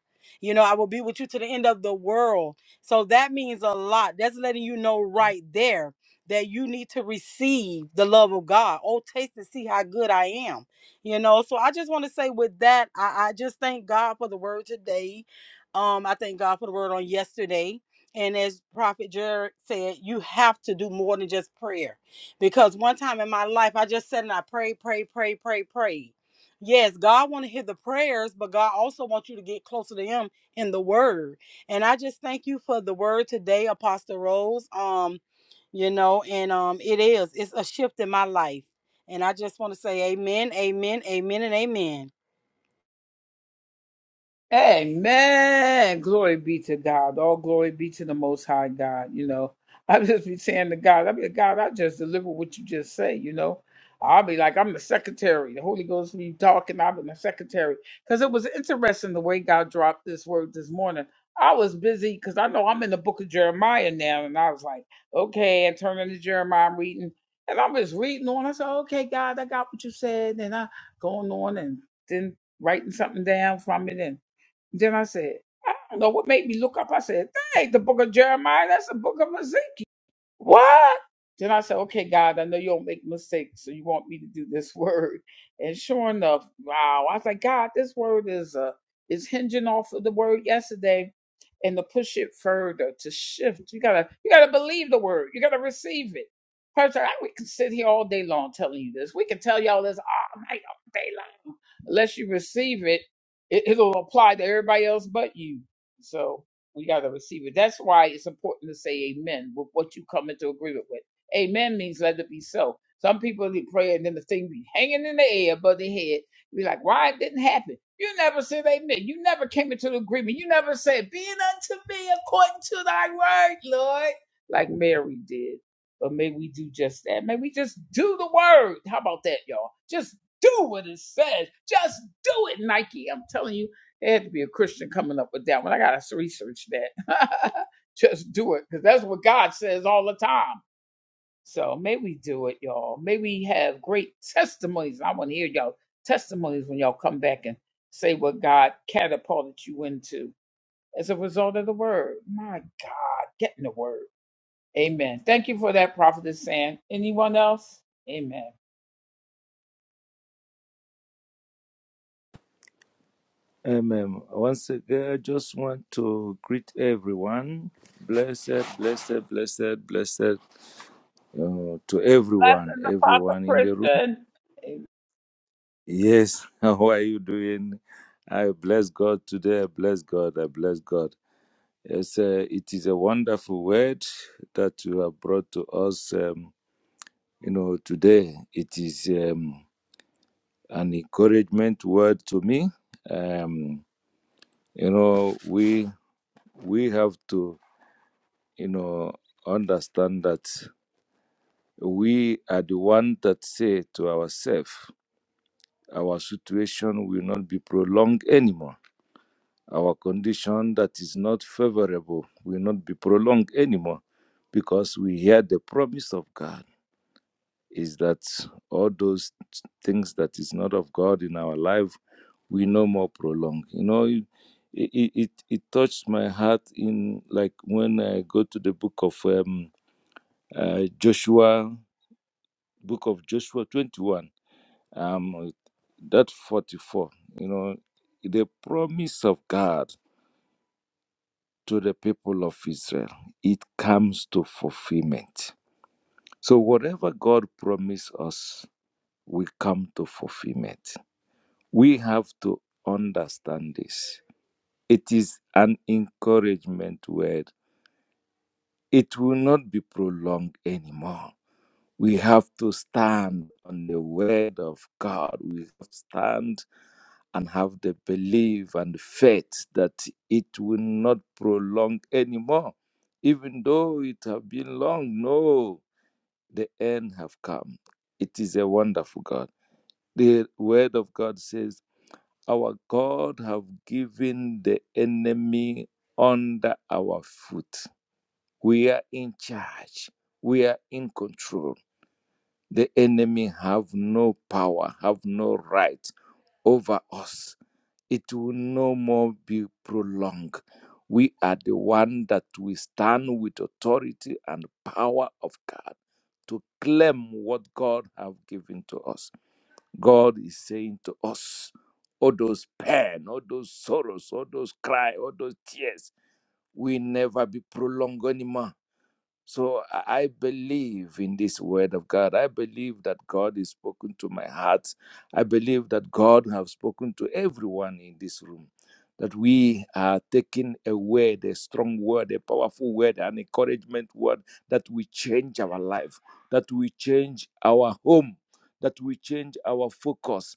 C: You know, I will be with you to the end of the world. So that means a lot. That's letting you know right there that you need to receive the love of God. Oh, taste and see how good I am. You know, so I just want to say with that, I, I just thank God for the word today. Um, I thank God for the word on yesterday. And as Prophet Jared said, you have to do more than just prayer. Because one time in my life, I just said and I prayed, prayed, prayed, prayed, prayed. Yes, God want to hear the prayers, but God also wants you to get closer to Him in the Word. And I just thank you for the Word today, Apostle Rose. Um, you know, and um, it is it's a shift in my life, and I just want to say, Amen, Amen, Amen, and Amen.
D: Amen. Once again, I just want to greet everyone. Blessed, blessed, blessed, blessed uh, to everyone, everyone in the room. Yes, how are you doing? I bless God today. I bless God. I bless God. Yes, uh, it is a wonderful word that you have brought to us. Um, you know, today it is. Um, an encouragement word to me. Um, you know, we we have to, you know, understand that we are the one that say to ourselves, our situation will not be prolonged anymore. Our condition that is not favorable will not be prolonged anymore because we hear the promise of God. is that all those things that is not of God in our life, we no more prolong. You know, it, it, it, it touched my heart in like when I go to the book of um, uh, Joshua, book of Joshua 21, um, that 44, you know, the promise of God to the people of Israel, it comes to fulfillment. So whatever God promised us will come to fulfillment We have to understand this. It is an encouragement word. It will not be prolonged anymore. We have to stand on the word of God. We have to stand and have the belief and faith that it will not prolong anymore. Even though it have been long, no, the end have come. It is a wonderful God. The word of God says our God have given the enemy under our foot. We are in charge. We are in control. The enemy have no power, have no right over us. It will no more be prolonged. We are the one that we stand with authority and power of God to claim what God have given to us. God is saying to us, all those pain, all those sorrows, all those cry, all those tears will never be prolonged anymore. So I I believe in this word of God. I believe that God is spoken to my heart. I believe that God has spoken to everyone in this room. That we are taking a word, a strong word, a powerful word, an encouragement word that will change our life, that will change our home, that will change our focus,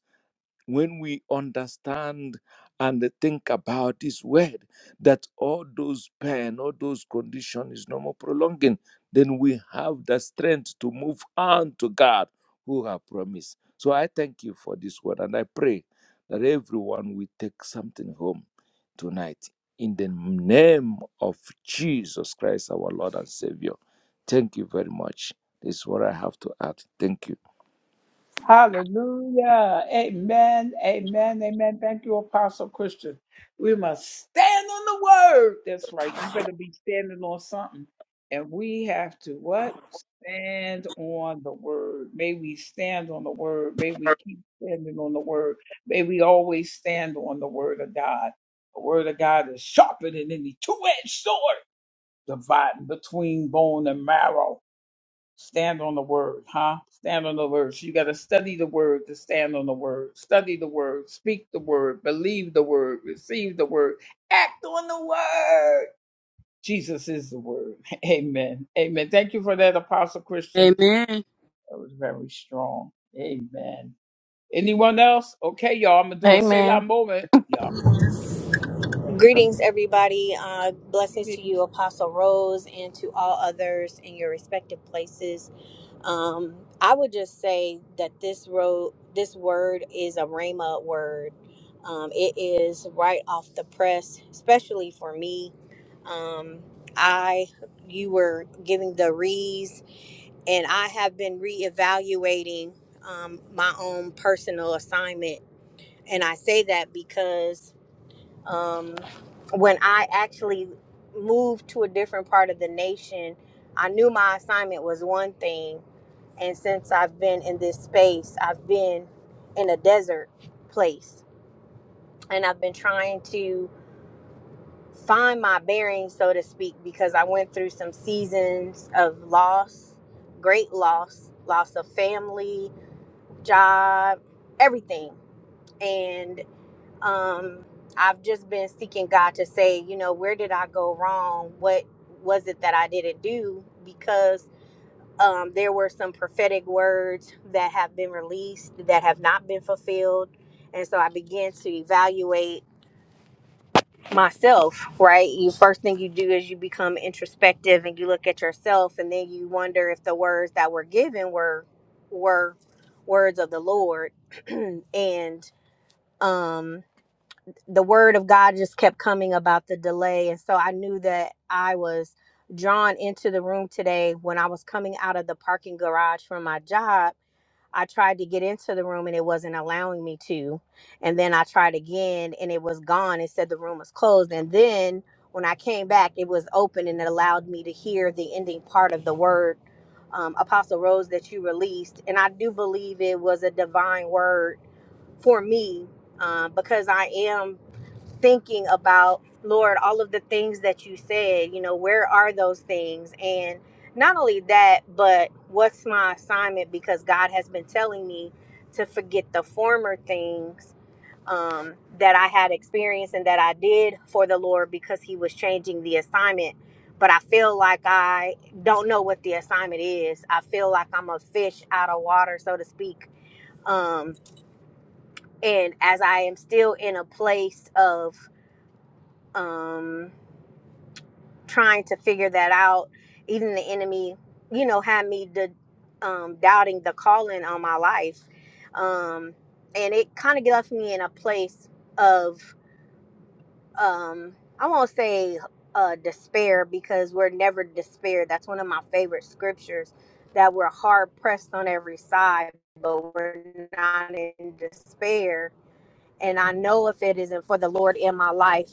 D: when we understand and think about this word that all those pain, all those conditions is no more prolonging, then we have the strength to move on to God who have promised. So I thank you for this word and I pray that everyone will take something home tonight in the name of Jesus Christ, our Lord and Savior. Thank you very much. This is what I have to add. Thank you.
C: Amen.
G: Amen.
F: Greetings, everybody. Uh, blessings to you, Apostle Rose, and to all others in your respective places. Um, I would just say that this road, this word is a Rhema word. Um, it is right off the press, especially for me. Um, I, you were giving the re's, and I have been reevaluating um, my own personal assignment, and I say that because um, when I actually moved to a different part of the nation, I knew my assignment was one thing. And since I've been in this space, I've been in a desert place. And I've been trying to find my bearings, so to speak, because I went through some seasons of loss, great loss, loss of family, job, everything. and. um i've just been seeking god to say you know where did i go wrong what was it that i didn't do because um there were some prophetic words that have been released that have not been fulfilled and so i began to evaluate myself right you first thing you do is you become introspective and you look at yourself and then you wonder if the words that were given were were words of the lord and um the word of God just kept coming about the delay. And so I knew that I was drawn into the room today when I was coming out of the parking garage from my job. I tried to get into the room and it wasn't allowing me to. And then I tried again and it was gone. It said the room was closed. And then when I came back, it was open and it allowed me to hear the ending part of the word, um, Apostle Rose, that you released. And I do believe it was a divine word for me um, because I am thinking about, Lord, all of the things that you said, you know, where are those things? And not only that, but what's my assignment? Because God has been telling me to forget the former things um, that I had experienced and that I did for the Lord because He was changing the assignment. But I feel like I don't know what the assignment is. I feel like I'm a fish out of water, so to speak. Um, and as I am still in a place of, um, trying to figure that out. Even the enemy, you know, had me the um, doubting the calling on my life, um, and it kind of left me in a place of um, I won't say uh, despair because we're never despair. That's one of my favorite scriptures. That we're hard pressed on every side, but we're not in despair and I know if it isn't for the Lord in my life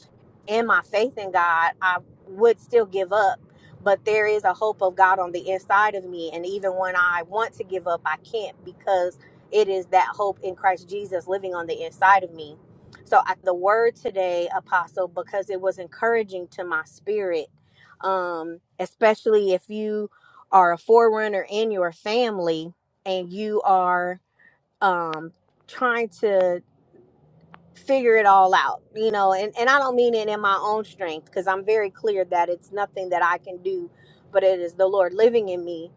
F: and my faith in God, I would still give up. But there is a hope of God on the inside of me. And even when I want to give up, I can't because it is that hope in Christ Jesus living on the inside of me. So I, the word today, Apostle, because it was encouraging to my spirit, um, especially if you are a forerunner in your family and you are um, trying to figure it all out you know and, and i don't mean it in my own strength because i'm very clear that it's nothing that i can do but it is the lord living in me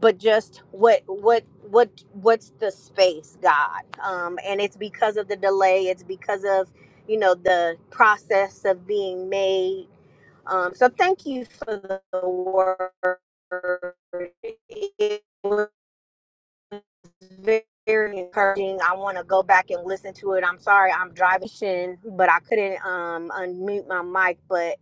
F: but just what what what what's the space god um and it's because of the delay it's because of you know the process of being made um so thank you for the word It very encouraging. I want to go back and listen to it. I'm sorry, I'm driving, but I couldn't um, unmute my mic. But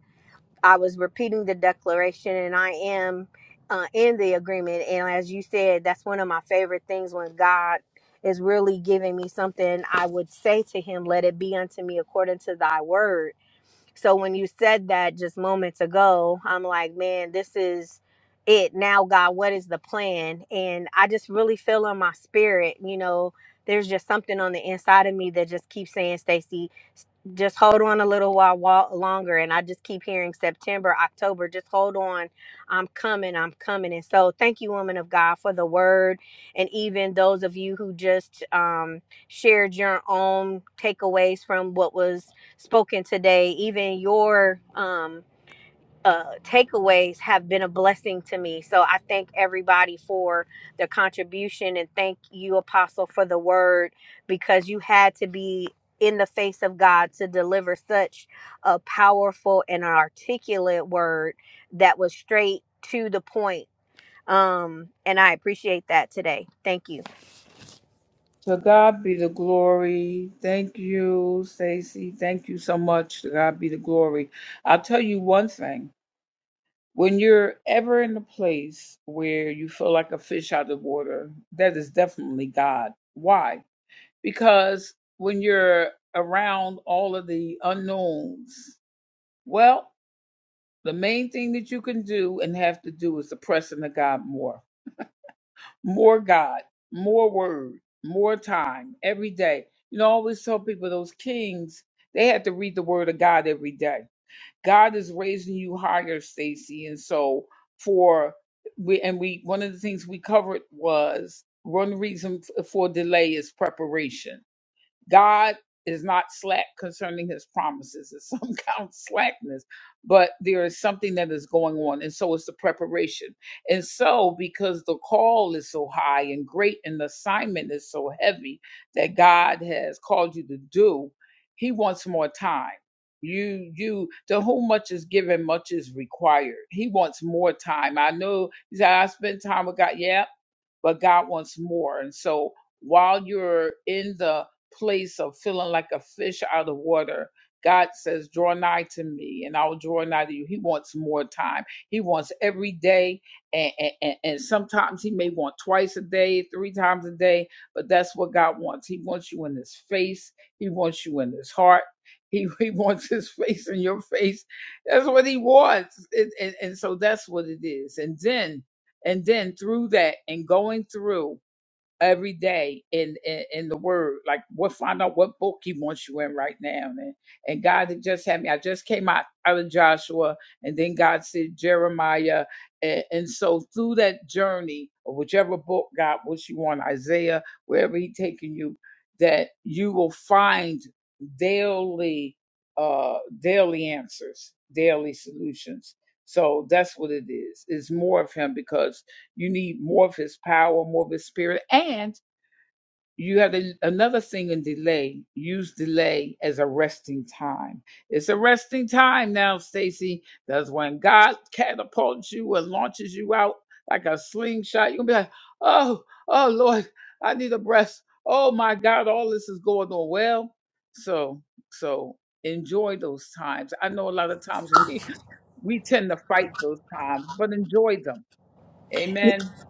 F: I was repeating the declaration, and I am uh, in the agreement. And as you said, that's one of my favorite things when God is really giving me something. I would say to Him, "Let it be unto me according to Thy word." So when you said that just moments ago, I'm like, man, this is it. Now, God, what is the plan? And I just really feel in my spirit, you know, there's just something on the inside of me that just keeps saying, "Stacey, s- just hold on a little while wa- longer. And I just keep hearing September, October, just hold on. I'm coming, I'm coming. And so thank you, woman of God, for the word. And even those of you who just um, shared your own takeaways from what was spoken today, even your um, uh, takeaways have been a blessing to me. So I thank everybody for their contribution and thank you, Apostle, for the word because you had to be in the face of God to deliver such a powerful and an articulate word that was straight to the point. Um, and I appreciate that today. Thank you.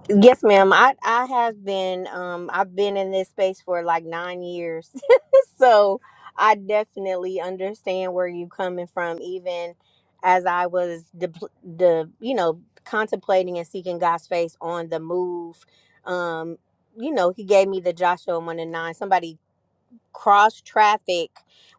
F: Yes, ma'am. I I have been um I've been in this space for like 9 years. so, I definitely understand where you're coming from even as I was the the you know contemplating and seeking God's face on the move. Um you know, he gave me the Joshua 1 and 9. Somebody cross traffic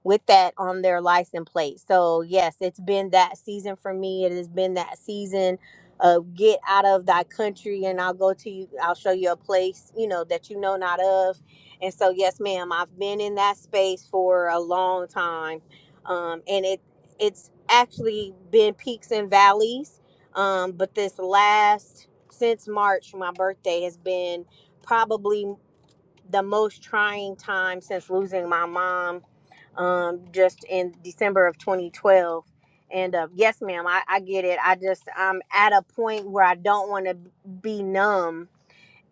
F: with that on their license plate. So yes, it's been that season for me. It has been that season of get out of thy country and I'll go to you I'll show you a place, you know, that you know not of. And so yes, ma'am, I've been in that space for a long time. Um and it it's actually been peaks and valleys. Um but this last since March my birthday has been probably the most trying time since losing my mom um, just in December of 2012. And uh, yes, ma'am, I, I get it. I just, I'm at a point where I don't want to be numb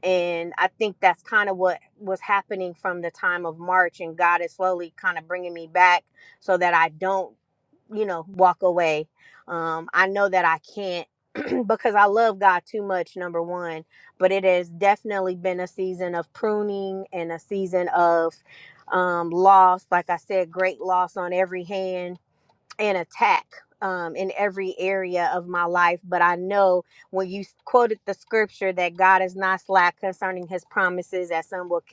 F: and i think that's kind of what was happening from the time of march and god is slowly kind of bringing me back so that i don't you know walk away um i know that i can't because i love god too much number one but it has definitely been a season of pruning and a season of um loss like i said great loss on every hand an attack um, in every area of my life. But I know when you quoted the scripture that God is not slack concerning his promises, as some will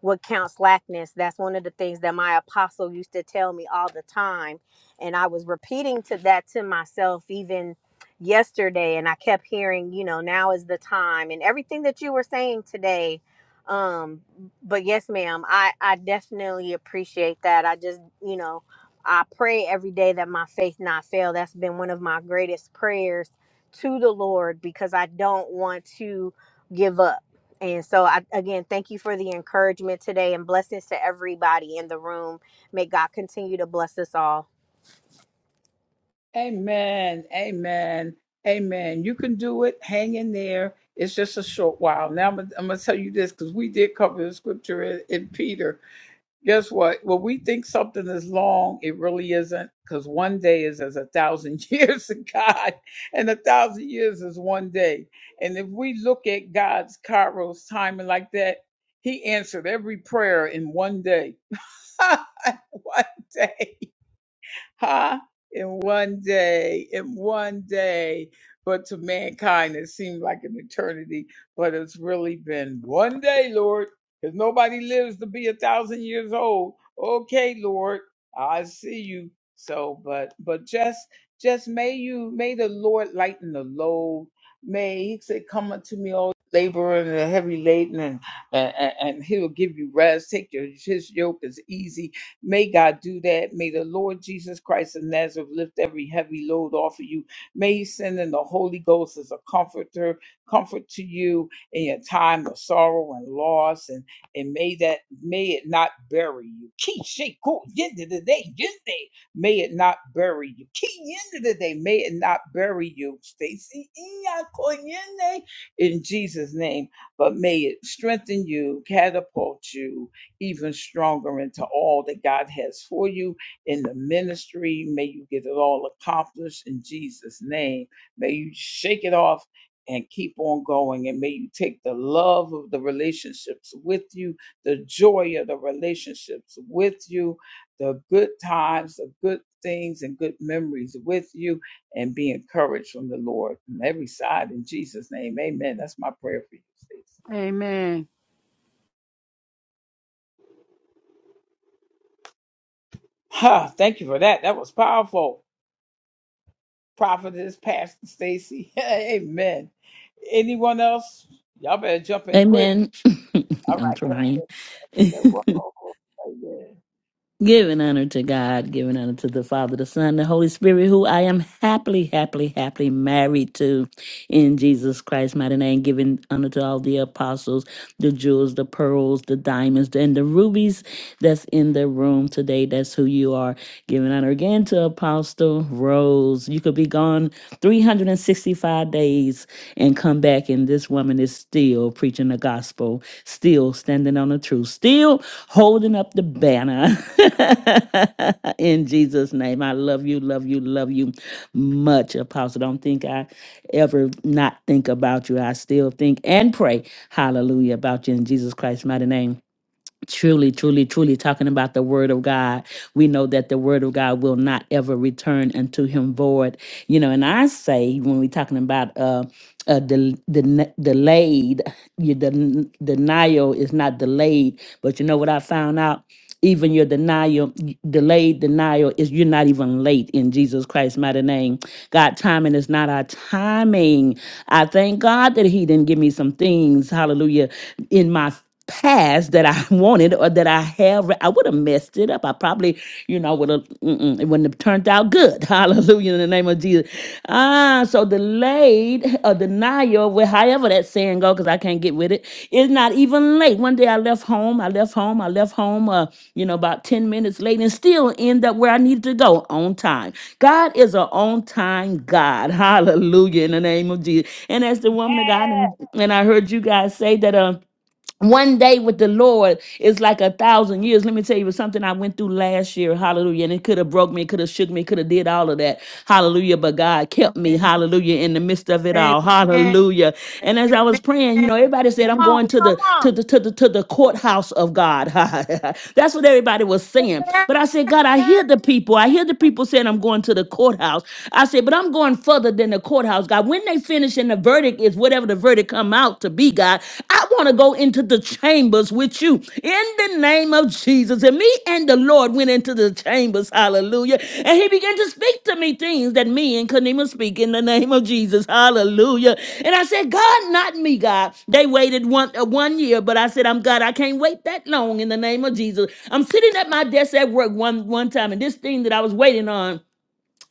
F: what counts slackness. That's one of the things that my apostle used to tell me all the time. And I was repeating to that to myself even yesterday. And I kept hearing, you know, now is the time and everything that you were saying today. Um, but yes, ma'am, I, I definitely appreciate that. I just, you know, I pray every day that my faith not fail. That's been one of my greatest prayers to the Lord because I don't want to give up. And so, I, again, thank you for the encouragement today and blessings to everybody in the room. May God continue to bless us all.
C: Amen.
G: Amen. I'm trying. Giving honor to God, giving honor to the Father, the Son, the Holy Spirit, who I am happily, happily, happily married to in Jesus Christ's mighty name, giving honor to all the apostles, the jewels, the pearls, the diamonds, and the rubies that's in the room today. That's who you are. Giving honor again to Apostle Rose. You could be gone 365 days and come back, and this woman is still preaching the gospel still standing on the truth, still holding up the banner. In Jesus' name, I love you, love you, love you much, Apostle. Don't think I ever not think about you. I still think and pray, hallelujah, about you in Jesus Christ's mighty name. Truly, truly, truly talking about the word of God. We know that the word of God will not ever return unto him void. You know, and I say when we're talking about uh uh del- den- delayed, your den- denial is not delayed, but you know what I found out? Even your denial, delayed denial is you're not even late in Jesus Christ's mighty name. God, timing is not our timing. I thank God that He didn't give me some things, hallelujah, in my pass that I wanted or that I have. I would have messed it up. I probably, you know, would have, mm-mm, it wouldn't have turned out good. Hallelujah in the name of Jesus. Ah, so delayed or denial, well, however that saying go, because I can't get with it, it's not even late. One day I left home, I left home, I left home, uh, you know, about 10 minutes late and still end up where I needed to go on time. God is an on time God. Hallelujah in the name of Jesus. And as the woman of God, and, and I heard you guys say that, um one day with the Lord is like a thousand years. Let me tell you it was something I went through last year. Hallelujah. And it could have broke me, could have shook me, could have did all of that. Hallelujah. But God kept me. Hallelujah. In the midst of it
C: Amen.
G: all. Hallelujah. And as I
C: Amen.
G: was praying, you know,
C: Come
G: everybody said, I'm going
C: on,
G: to
C: come
G: the to
C: on.
G: the to the to the courthouse of God. That's what everybody was saying. But I said, God, I hear the people. I hear the people saying I'm going to the courthouse. I said, but I'm going further than the courthouse, God. When they finish finish and the verdict is whatever the verdict come out to be, God. I want to go into the chambers with you in the name of Jesus. And me and the Lord went into the chambers, hallelujah. And he began to speak to me things that me and couldn't even speak in the name of Jesus, hallelujah. And I said, God, not me, God. They waited one, uh, one year, but I said, I'm God, I can't wait that long in the name of Jesus. I'm sitting at my desk at work one, one time, and this thing that I was waiting on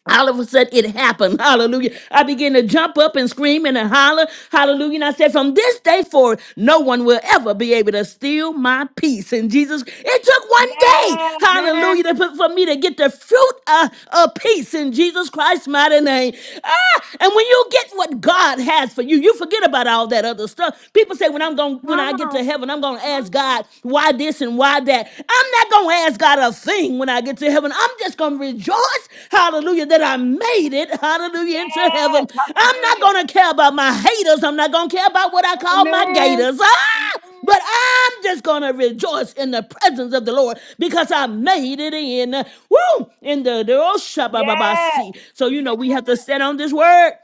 G: all of a sudden, it happened. Hallelujah. I began to jump up and scream and to holler. Hallelujah. And I said, from this day forward, no one will ever be able to steal my peace. And Jesus, it took one day,
C: Man,
G: hallelujah, to put, for me to get the fruit of, of peace in Jesus Christ's mighty name. Ah, and when you get what God has for you, you forget about all that other stuff. People say, when I'm going, when I
C: come
G: get
C: on.
G: to heaven, I'm going to ask God God, why this and why that. I'm not going to ask God a thing when I get to heaven. I'm just going to rejoice, hallelujah, that I made it, hallelujah, into heaven. I'm not going to care about my haters. I'm not going to care about what I call my
C: Amen.
G: gators. Ah! But I'm just going to rejoice in the presence of the Lord because I made it in. Woo! In the, the oh, shabba-ba-ba-see. So, you know, we have to stand on this word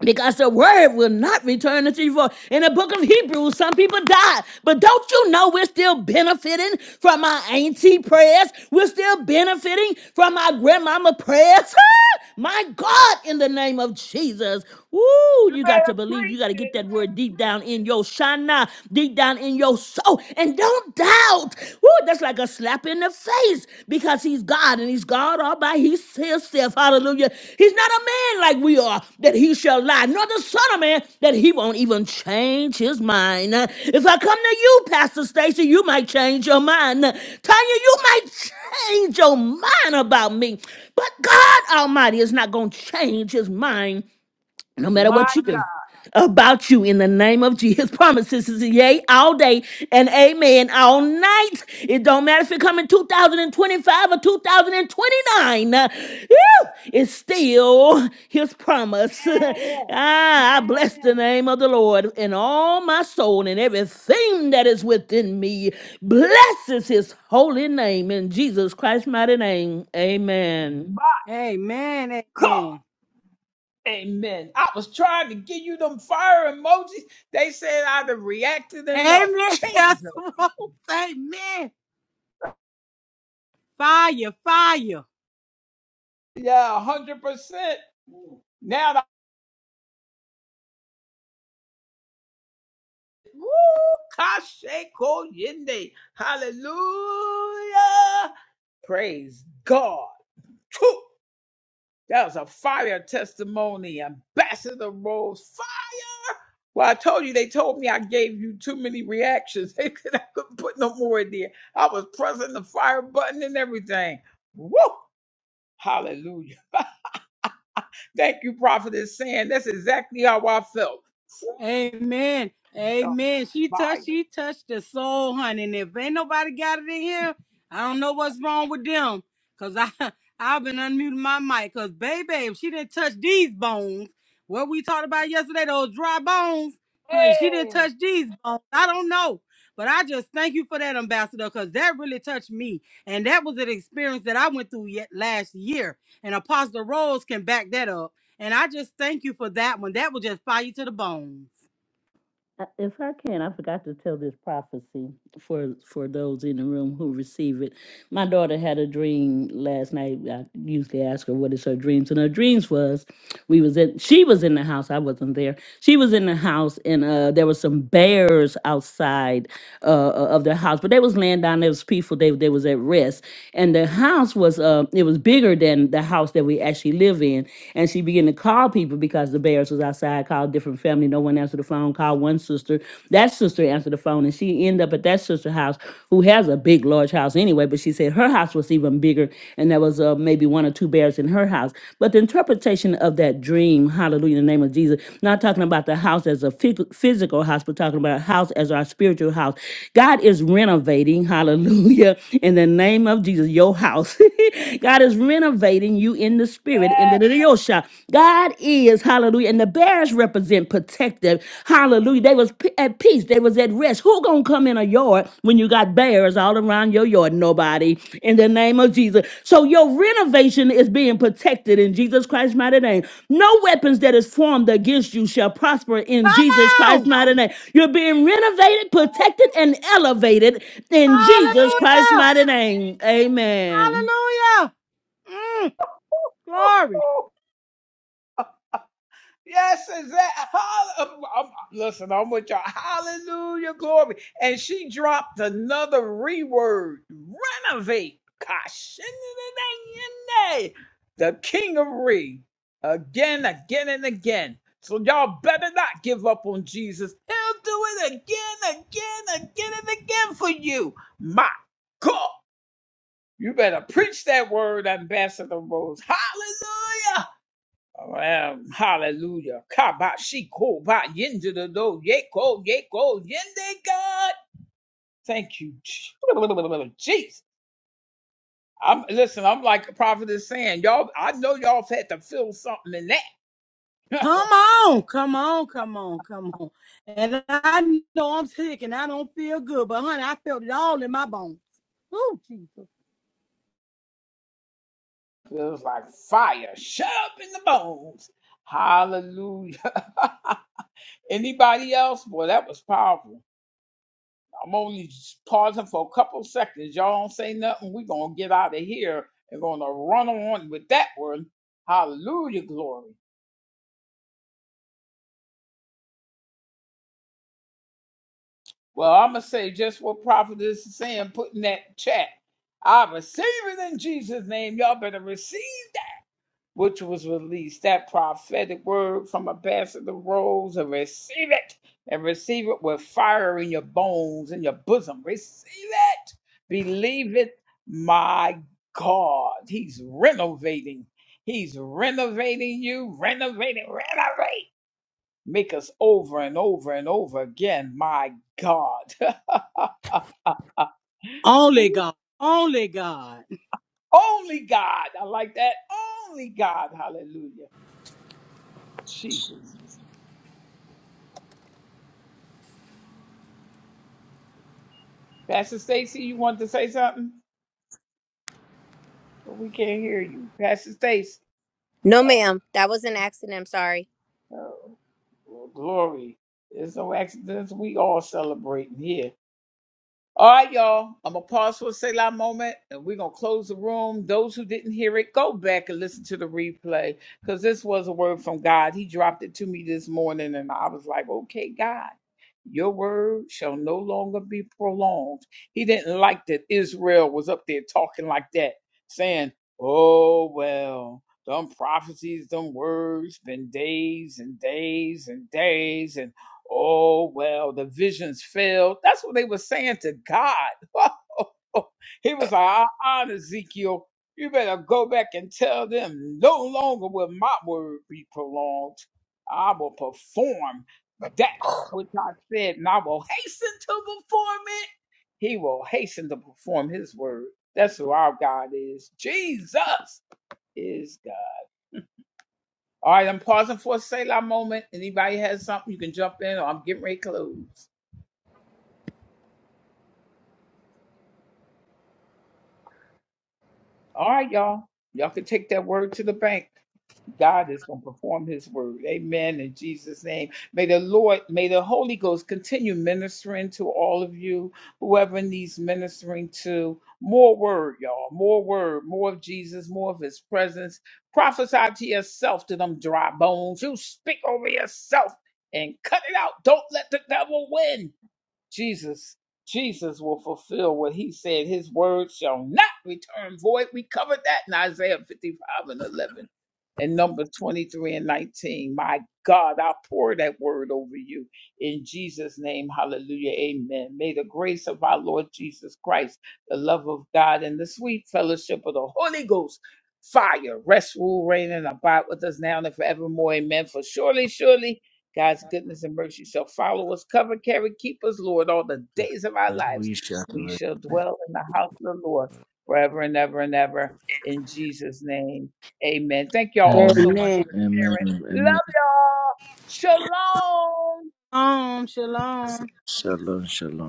G: because the word will not return unto you. void. In the book of Hebrews, some people died, but don't you know we're still benefiting from our auntie prayers? We're still benefiting from our grandmama prayers. My God, in the name of Jesus. Woo, you got to believe. You got to get that word deep down in your shana, deep down in your soul, and don't doubt. Woo, Lord, that's like a slap in the face because he's God and he's God all by his- himself. Hallelujah. He's not a man like we are that he shall lie, nor the son of man that he won't even change his mind. Uh, If I come to you, Pastor Stacy, you might change your mind. Uh, Tanya, you might change your mind about me. But God Almighty is not going to change his mind no matter what you do about you in the name of Jesus. Promises is a yay all day and amen all night. It don't matter if it come in 2025 or 2029. uh, whew, It's still his promise. ah, I bless the name of the Lord in all my soul and everything that is within me blesses his holy name in Jesus Christ's mighty name. Amen.
C: Amen. Amen. Amen. Pastor Rose. Amen. Fire, fire. Amen. Amen. She touched, she touched the soul, honey. And if ain't nobody got it in here, I don't know what's wrong with them. Cause I I've been unmuting my mic. Cause baby, if she didn't touch these bones, what we talked about yesterday, those dry bones, honey, she didn't touch these bones. I don't know. But I just thank you for that, Ambassador, because that really touched me. And that was an experience that I went through yet last year. And Apostle Rose can back that up. And I just thank you for that one. That will just fire you to the bones.
G: Uh, If I can, I forgot to tell this prophecy for for those in the room who receive it. My daughter had a dream last night. I usually ask her what is her dreams, and her dreams was we was in she was in the house. I wasn't there. She was in the house, and uh, there were some bears outside uh, uh, of their house. But they was laying down, they was peaceful, they, they was at rest. And the house was, uh, it was bigger than the house that we actually live in. And she began to call people because the bears was outside, called different family, no one answered the phone, called one sister. That sister answered the phone and she ended up at that sister's house who has a big, large house anyway. But she said her house was even bigger and there was uh, maybe one or two bears in her house. But the interpretation of that dream, hallelujah, in the name of Jesus, not talking about the house as a phy- physical house, but talking about a house as as our spiritual house. God is renovating, hallelujah, in the name of Jesus, your house. God is renovating you in the spirit, in the Yosha. God is, hallelujah, and the bears represent protective, hallelujah. They was p- at peace, they was at rest. Who gonna come in a yard when you got bears all around your yard? Nobody, in the name of Jesus. So your renovation is being protected in Jesus Christ's mighty name. No weapons that is formed against you shall prosper in
C: Come
G: Jesus Christ's
C: on!
G: mighty name. You're being renovated, protected, and elevated in Jesus Christ's
C: Hallelujah!
G: mighty name. Amen.
C: Hallelujah! Mm, glory! Come on! Come on! Come on! Come on! And I know I'm sick and I don't feel good, but honey, I felt it all in my bones. Oh, Jesus! Only God! Only God!
F: No, ma'am. That was an accident. I'm sorry.
D: and we shall. Amen.
C: Amen.
D: Amen. Amen.
C: Shalom! Shalom!
D: Shalom. Shalom.